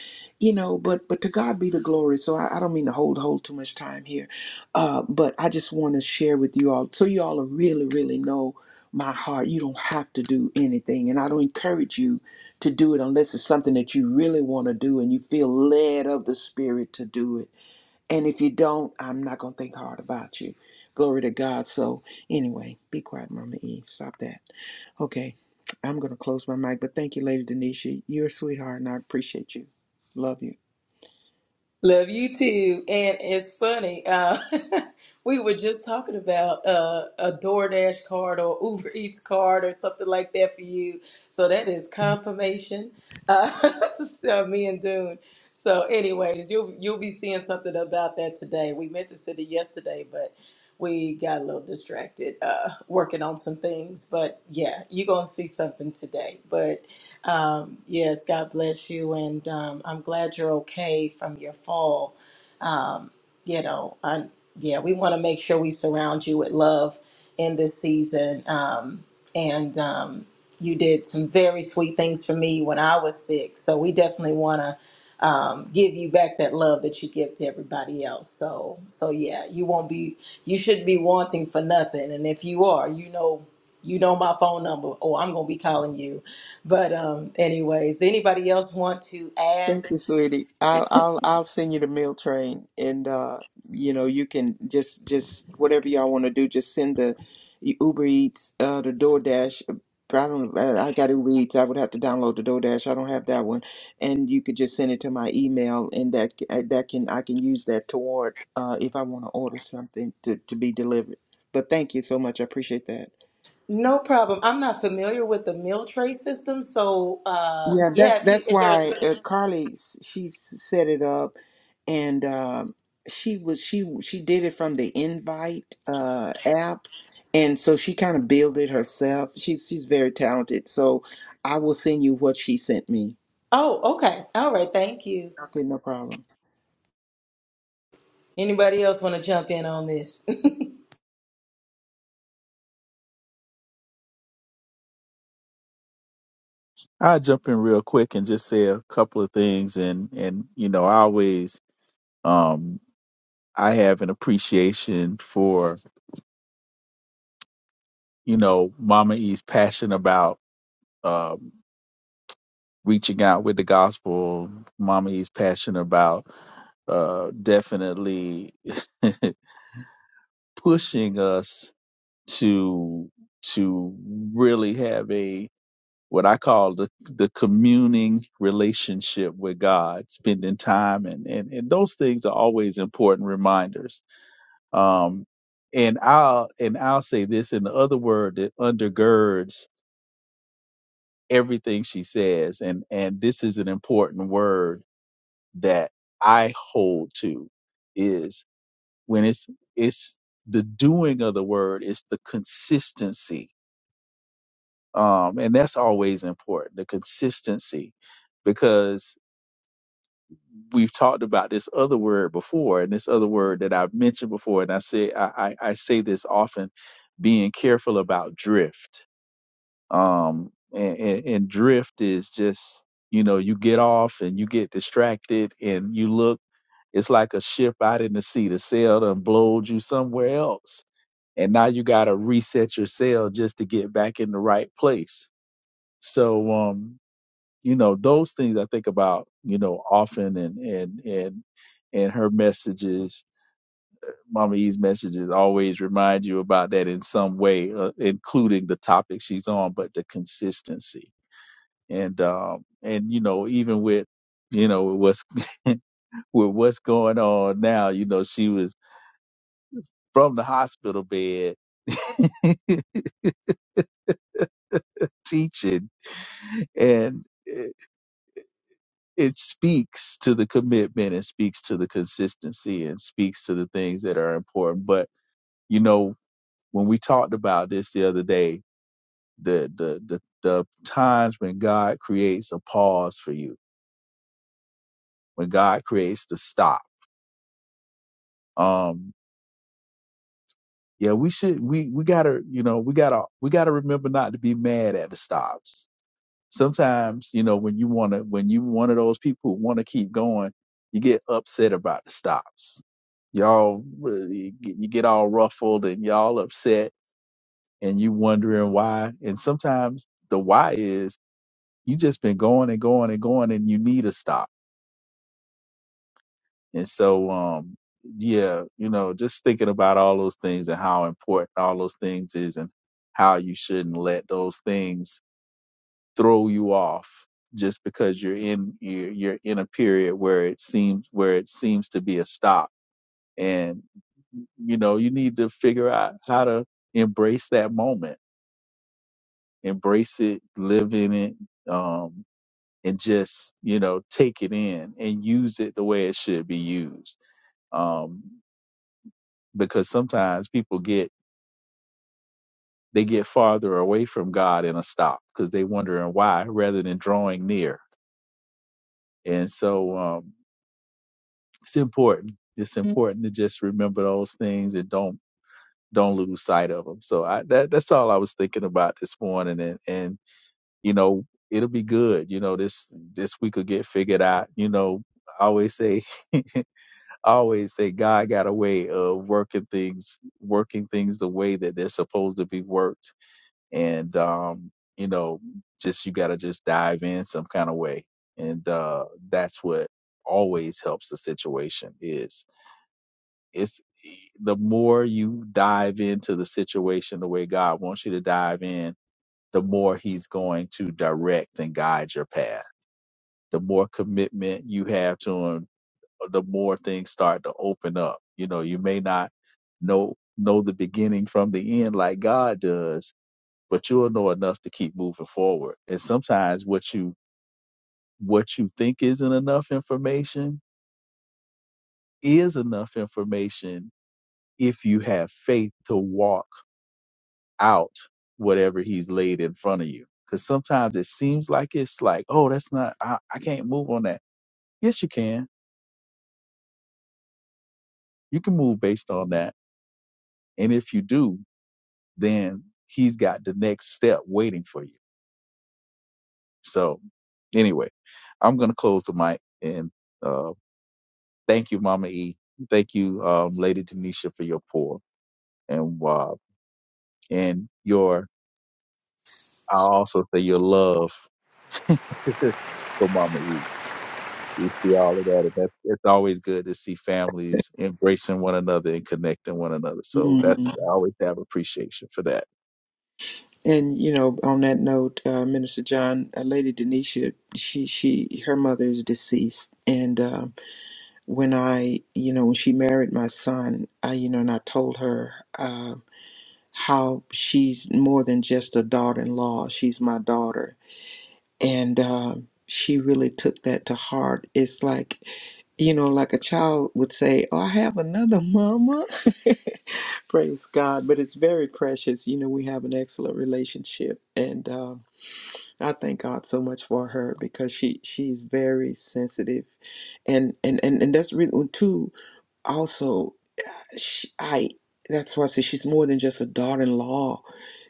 you know, but but to God be the glory. So I, I don't mean to hold hold too much time here, uh, but I just want to share with you all so you all really really know my heart. You don't have to do anything, and I don't encourage you to do it unless it's something that you really want to do and you feel led of the Spirit to do it and if you don't, I'm not going to think hard about you. Glory to God. So, anyway, be quiet, Mama E. Stop that. Okay, I'm going to close my mic, but thank you, Lady Denisha. You're a sweetheart, and I appreciate you. Love you. Love you too. And it's funny, uh, [LAUGHS] we were just talking about uh, a DoorDash card or Uber [LAUGHS] Eats card or something like that for you. So that is confirmation. Uh, [LAUGHS] so me and Dune. So, anyways, you'll you'll be seeing something about that today. We meant to send it yesterday, but we got a little distracted uh, working on some things. But yeah, you're gonna see something today. But Um, yes, God bless you, and um, I'm glad you're okay from your fall. Um, you know, I, yeah, we want to make sure we surround you with love in this season. Um, and um, you did some very sweet things for me when I was sick, so we definitely want to um, give you back that love that you give to everybody else. So, so yeah, you won't be, you shouldn't be wanting for nothing. And if you are, you know, you know my phone number, or I'm gonna be calling you but um, anyways, anybody else want to Thank add? you, sweetie. I'll I'll I'll send you the meal train, and uh, you know you can just just whatever y'all want to do. Just send the Uber Eats, uh, the DoorDash. I don't. I I got Uber Eats. I would have to download the DoorDash. I don't have that one, and you could just send it to my email, and that c- uh, that can I can use that toward uh, if I want to order something to to be delivered. But thank you so much. I appreciate that. No problem. I'm not familiar with the meal tray system, so uh, Yeah, yeah. that's If you that's is there a why uh, Carly s- she s- set it up and um, she was she she did it from the invite uh, app and so she kind of built it herself she's she's very talented so i will send you what she sent me oh okay all right thank you. okay no problem Anybody else want to jump in on this? I'll jump in real quick and just say a couple of things. And, and you know, I always, um, I have an appreciation for, you know, Mama E's passion about um, reaching out with the gospel. Mama E's passion about uh, definitely [LAUGHS] pushing us to to really have a what I call the the communing relationship with God, spending time and and, and those things are always important reminders. Um and I'll and I'll say this in the other word that undergirds everything she says and and this is an important word that I hold to is when it's it's the doing of the word, it's the consistency um, and that's always important the consistency because we've talked about this other word before and this other word that i've mentioned before and i say i, I, I say this often being careful about drift um, and, and, and drift is just you know you get off and you get distracted and you look it's like a ship out in the sea the sail done blowed you somewhere else and now you got to reset your sail just to get back in the right place so um you know those things i think about you know often and and and and her messages mama e's messages always remind you about that in some way uh, including the topic she's on but the consistency and um and you know even with you know what's [LAUGHS] with what's going on now you know she was from the hospital bed [LAUGHS] teaching and it speaks to the commitment and speaks to the consistency and speaks to the things that are important. But you know, when we talked about this the other day, the the the, the times when God creates a pause for you, when God creates the stop. Um, yeah, we should we we gotta you know we gotta we gotta remember not to be mad at the stops sometimes you know when you want to when you one of those people who want to keep going you get upset about the stops y'all really get- you get all ruffled and y'all upset and you wondering why and sometimes the why is you just been going and going and going and you need a stop and so um yeah you know just thinking about all those things and how important all those things is and how you shouldn't let those things throw you off just because you're in you're, you're in a period where it seems where it seems to be a stop and you know you need to figure out how to embrace that moment embrace it live in it um and just you know take it in and use it the way it should be used um because sometimes people get they get farther away from god in a stop because they wondering why rather than drawing near and so um, it's important. It's Mm. important to just remember those things and don't don't lose sight of them. So I that that's all I was thinking about this morning, and and you know it'll be good. You know this this week will get figured out. You know I always say [LAUGHS] I always say God got a way of working things working things the way that they're supposed to be worked, and um you know just you got to just dive in some kind of way, and uh that's what always helps the situation is it's the more you dive into the situation the way God wants you to dive in, the more He's going to direct and guide your path. The more commitment you have to Him, the more things start to open up. You know, you may not know know the beginning from the end like God does, but you'll know enough to keep moving forward. And sometimes what you what you think isn't enough information is enough information if you have faith to walk out whatever he's laid in front of you. Because sometimes it seems like it's like, oh, that's not, I, I can't move on that. Yes, you can. You can move based on that. And if you do, then he's got the next step waiting for you. So, anyway, I'm going to close the mic and uh, thank you, Mama E. Thank you, um, Lady Denisha, for your pour and uh, and your, i also say your love [LAUGHS] for Mama E. You see all of that, and that's it's always good to see families embracing one another and connecting one another. So that's Mhm. I always have appreciation for that. and you know on that note uh, minister john uh, lady denisha she she her mother is deceased and uh, when i you know when she married my son i you know and i told her uh, how she's more than just a daughter-in-law she's my daughter and um, she really took that to heart. It's like, you know, like a child would say, Oh, I have another mama. [LAUGHS] Praise God. But it's very precious. You know, we have an excellent relationship. And um I thank God so much for her because she she's very sensitive. And and, and, and that's really too also she, I that's why I say she's more than just a daughter-in-law.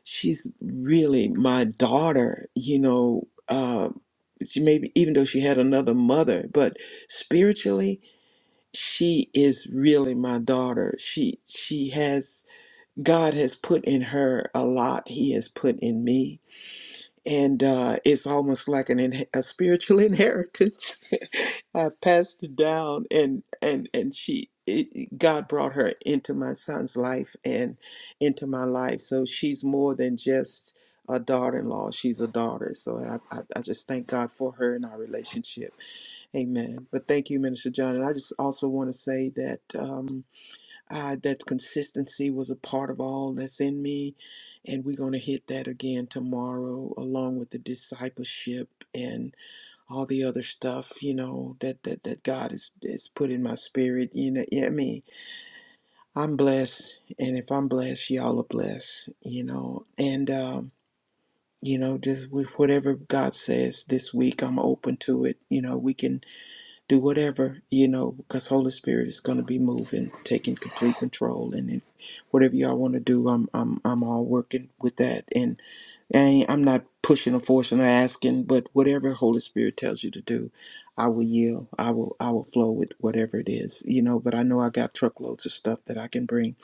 She's really my daughter, you know. Um, she maybe even though she had another mother, but spiritually she is really my daughter. She she has God has put in her a lot. He has put in me and uh, it's almost like an in, a spiritual [LAUGHS] inheritance I passed it down and and and she it, it- God brought her into my son's life and into my life so she's more than just a daughter-in-law she's a daughter so I, I, I just thank God for her and our relationship amen but thank you minister John and I just also want to say that um, uh, that consistency was a part of all that's in me. And we're going to hit that again tomorrow, along with the discipleship and all the other stuff, you know, that, that, that God has, has put in my spirit. You know, yeah, I mean, I'm blessed. And if I'm blessed, y'all are blessed, you know. And, um, you know, just with whatever God says this week, I'm open to it. You know, we can do whatever you know because holy spirit is going to be moving taking complete control and if whatever y'all want to do i'm i'm i'm all working with that and I ain't, i'm not pushing or forcing or asking but whatever holy spirit tells you to do i will yield i will i will flow with whatever it is you know but i know i got truckloads of stuff that i can bring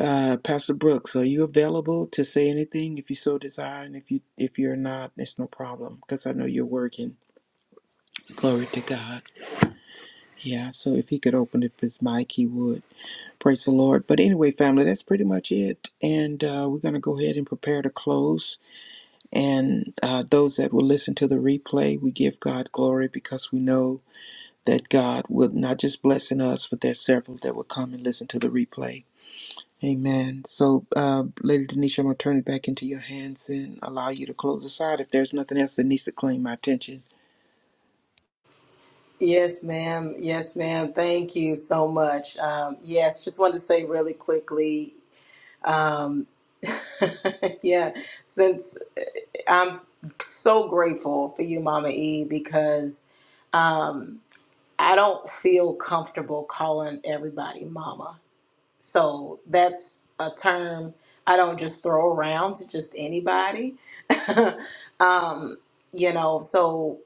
uh pastor brooks are you available to say anything if you so desire and if you if you're not it's no problem because i know you're working glory to god Yeah, so if he could open up his mic, he would. Praise the Lord. But anyway, family, that's pretty much it. And uh, we're going to go ahead and prepare to close. And uh, those that will listen to the replay, we give God glory because we know that God will not just blessing us, but there's several that will come and listen to the replay. Amen. So, uh, Lady Denisha, I'm going to turn it back into your hands and allow you to close us out if there's nothing else that needs to claim my attention. [LAUGHS] yes, ma'am. Yes, ma'am. Thank you so much. Um, yes, just wanted to say really quickly. Um, [LAUGHS] yeah, since uh, I'm so grateful for you, Mama E, because. Um, I don't feel comfortable calling everybody mama. So that's a term I don't just throw around to just anybody. [LAUGHS] um, you know, so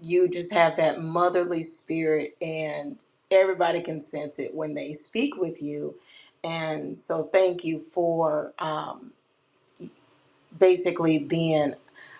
you just have that motherly spirit and everybody can sense it when they speak with you. And so thank you for um, basically being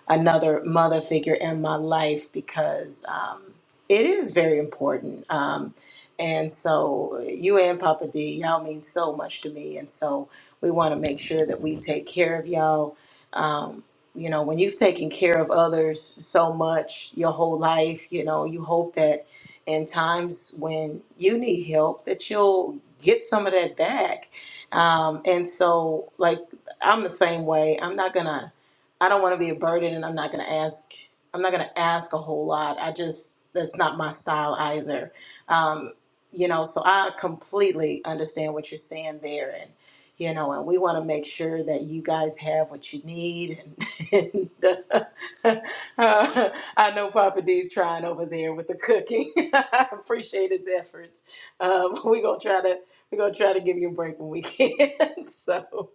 another mother figure in my life because um, it is very important. Um, and so you and Papa D, y'all mean so much to me. And so we want to make sure that we take care of y'all. Um, you know, when you've taken care of others so much your whole life, you know, you hope that in times when you need help that you'll get some of that back. Um, and so, like, I'm the same way. I'm not gonna. I don't want to be a burden, and I'm not gonna ask. I'm not gonna ask a whole lot. I just that's not my style either. Um, you know, so I completely understand what you're saying there, and you know, and we want to make sure that you guys have what you need. And, [LAUGHS] and uh, uh, I know Papa D's trying over there with the cooking. [LAUGHS] I appreciate his efforts. Um, [LAUGHS] we gonna try to we are gonna try to give you a break when we can. [LAUGHS] so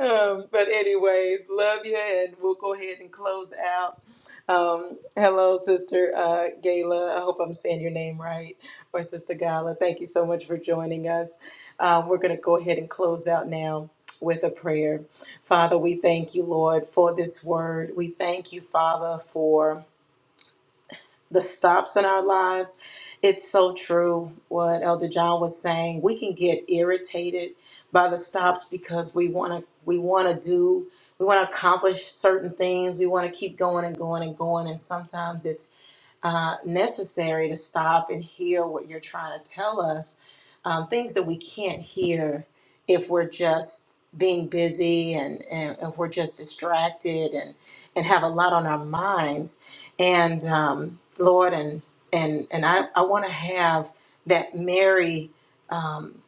um, but anyways, love you, and we'll go ahead and close out. Um, hello, Sister uh, Gayla. I hope I'm saying your name right, or Sister Gala. Thank you so much for joining us. Uh, we're going to go ahead and close out now with a prayer. Father, we thank you, Lord, for this word. We thank you, Father, for the stops in our lives. It's so true what Elder John was saying. We can get irritated by the stops because we want to we want to do we want to accomplish certain things. We want to keep going and going and going and sometimes it's uh, necessary to stop and hear what you're trying to tell us. Um, things that we can't hear if we're just being busy and, and if we're just distracted and, and have a lot on our minds. And um, Lord, and and and I, I want to have that Mary um,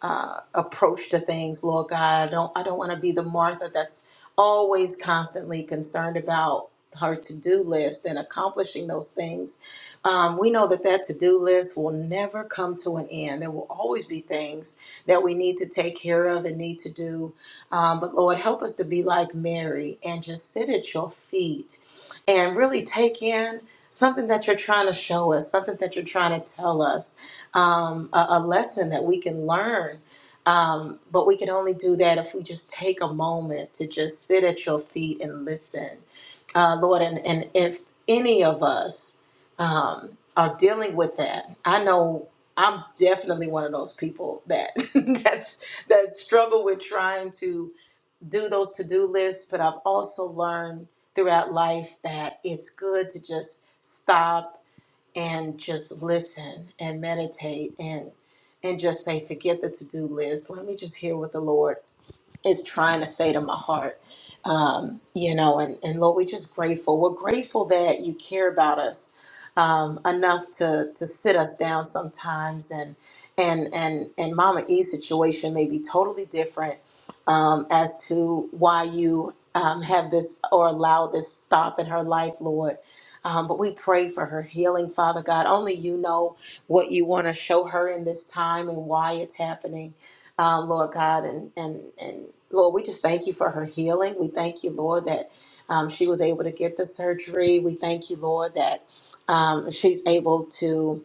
uh, approach to things, Lord God. I don't I don't want to be the Martha that's always constantly concerned about her to-do list and accomplishing those things um, we know that that to-do list will never come to an end there will always be things that we need to take care of and need to do um, but lord help us to be like mary and just sit at your feet and really take in something that you're trying to show us something that you're trying to tell us um, a, a lesson that we can learn um, but we can only do that if we just take a moment to just sit at your feet and listen uh, Lord, and, and if any of us um, are dealing with that, I know I'm definitely one of those people that [LAUGHS] that's that struggle with trying to do those to-do lists, but I've also learned throughout life that it's good to just stop and just listen and meditate and and just say, forget the to-do list. Let me just hear what the Lord is trying to say to my heart. Um, you know, and, and Lord, we're just grateful. We're grateful that you care about us um, enough to to sit us down sometimes and and and and Mama E's situation may be totally different um, as to why you um, have this or allow this stop in her life, Lord. Um, but we pray for her healing, Father God. Only you know what you want to show her in this time and why it's happening um, Lord God. And, and, and Lord, we just thank you for her healing. We thank you, Lord, that um, she was able to get the surgery. We thank you, Lord, that um, she's able to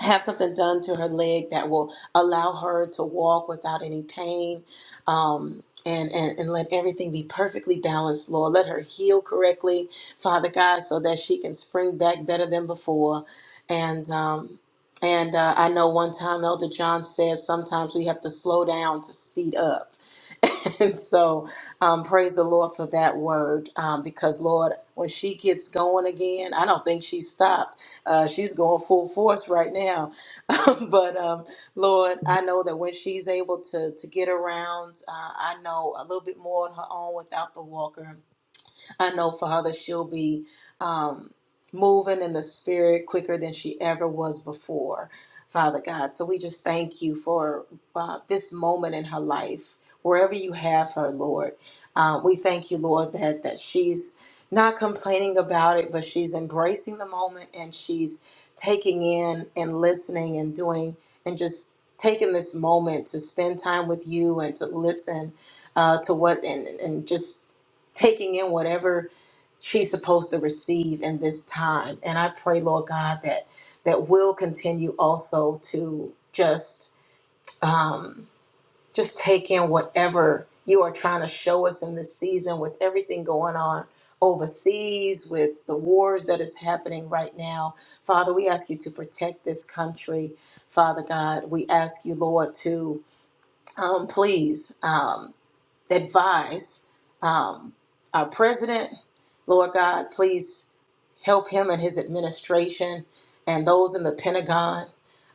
have something done to her leg that will allow her to walk without any pain um, and, and, and let everything be perfectly balanced, Lord. Let her heal correctly, Father God, so that she can spring back better than before. And, um, and uh, I know one time Elder John said sometimes we have to slow down to speed up. [LAUGHS] And so, um, praise the Lord for that word um, because, Lord, when she gets going again, I don't think she stopped uh, she's going full force right now. [LAUGHS] but um, Lord, I know that when she's able to to get around, uh, I know a little bit more on her own without the walker I know, Father, she'll be um, moving in the spirit quicker than she ever was before, Father God. So we just thank you for uh, this moment in her life, wherever you have her, Lord. Um, we thank you, Lord, that that she's not complaining about it, but she's embracing the moment and she's taking in and listening and doing and just taking this moment to spend time with you and to listen uh, to what and and just taking in whatever she's supposed to receive in this time. And I pray, Lord God, that that will continue also to just um, just take in whatever you are trying to show us in this season with everything going on overseas with the wars that is happening right now father we ask you to protect this country father god we ask you lord to um, please Um, advise um, our president. Lord God, please help him and his administration and those in the Pentagon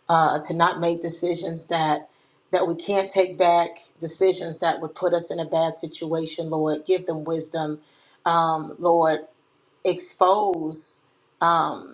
uh, to not make decisions that that we can't take back, decisions that would put us in a bad situation. Lord, give them wisdom. Um, Lord, expose. Um,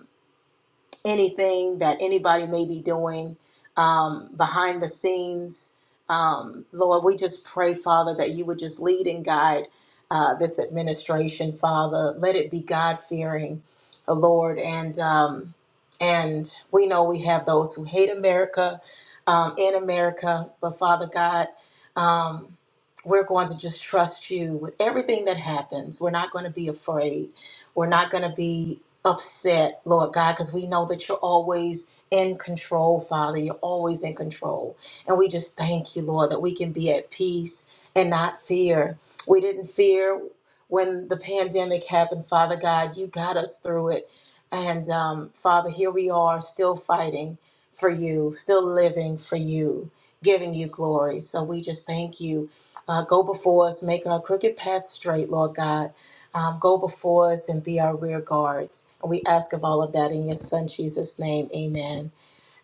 anything that anybody may be doing um, behind the scenes. Um, Lord, we just pray, Father, that you would just lead and guide uh, this administration, Father. Let it be God fearing, Lord. And um, and we know we have those who hate America um, in America, but Father God, um, we're going to just trust you with everything that happens. We're not going to be afraid. We're not going to be upset, Lord God, because we know that you're always in control, Father. You're always in control. And we just thank you, Lord, that we can be at peace and not fear. We didn't fear when the pandemic happened, Father God. You got us through it. And um, Father, here we are still fighting for you, still living for you, giving you glory. So we just thank you. Uh, go before us, make our crooked path straight, Lord God um, go before us and be our rear guards. And we ask of all of that in your son Jesus' name. Amen.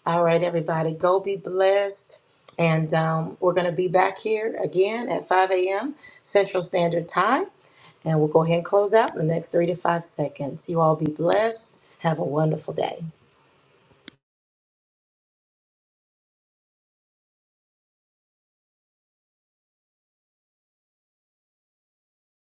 All right, everybody, go be blessed. And um, we're going to be back here again at 5 a.m. Central Standard Time. And we'll go ahead and close out in the next three to five seconds. You all be blessed. Have a wonderful day.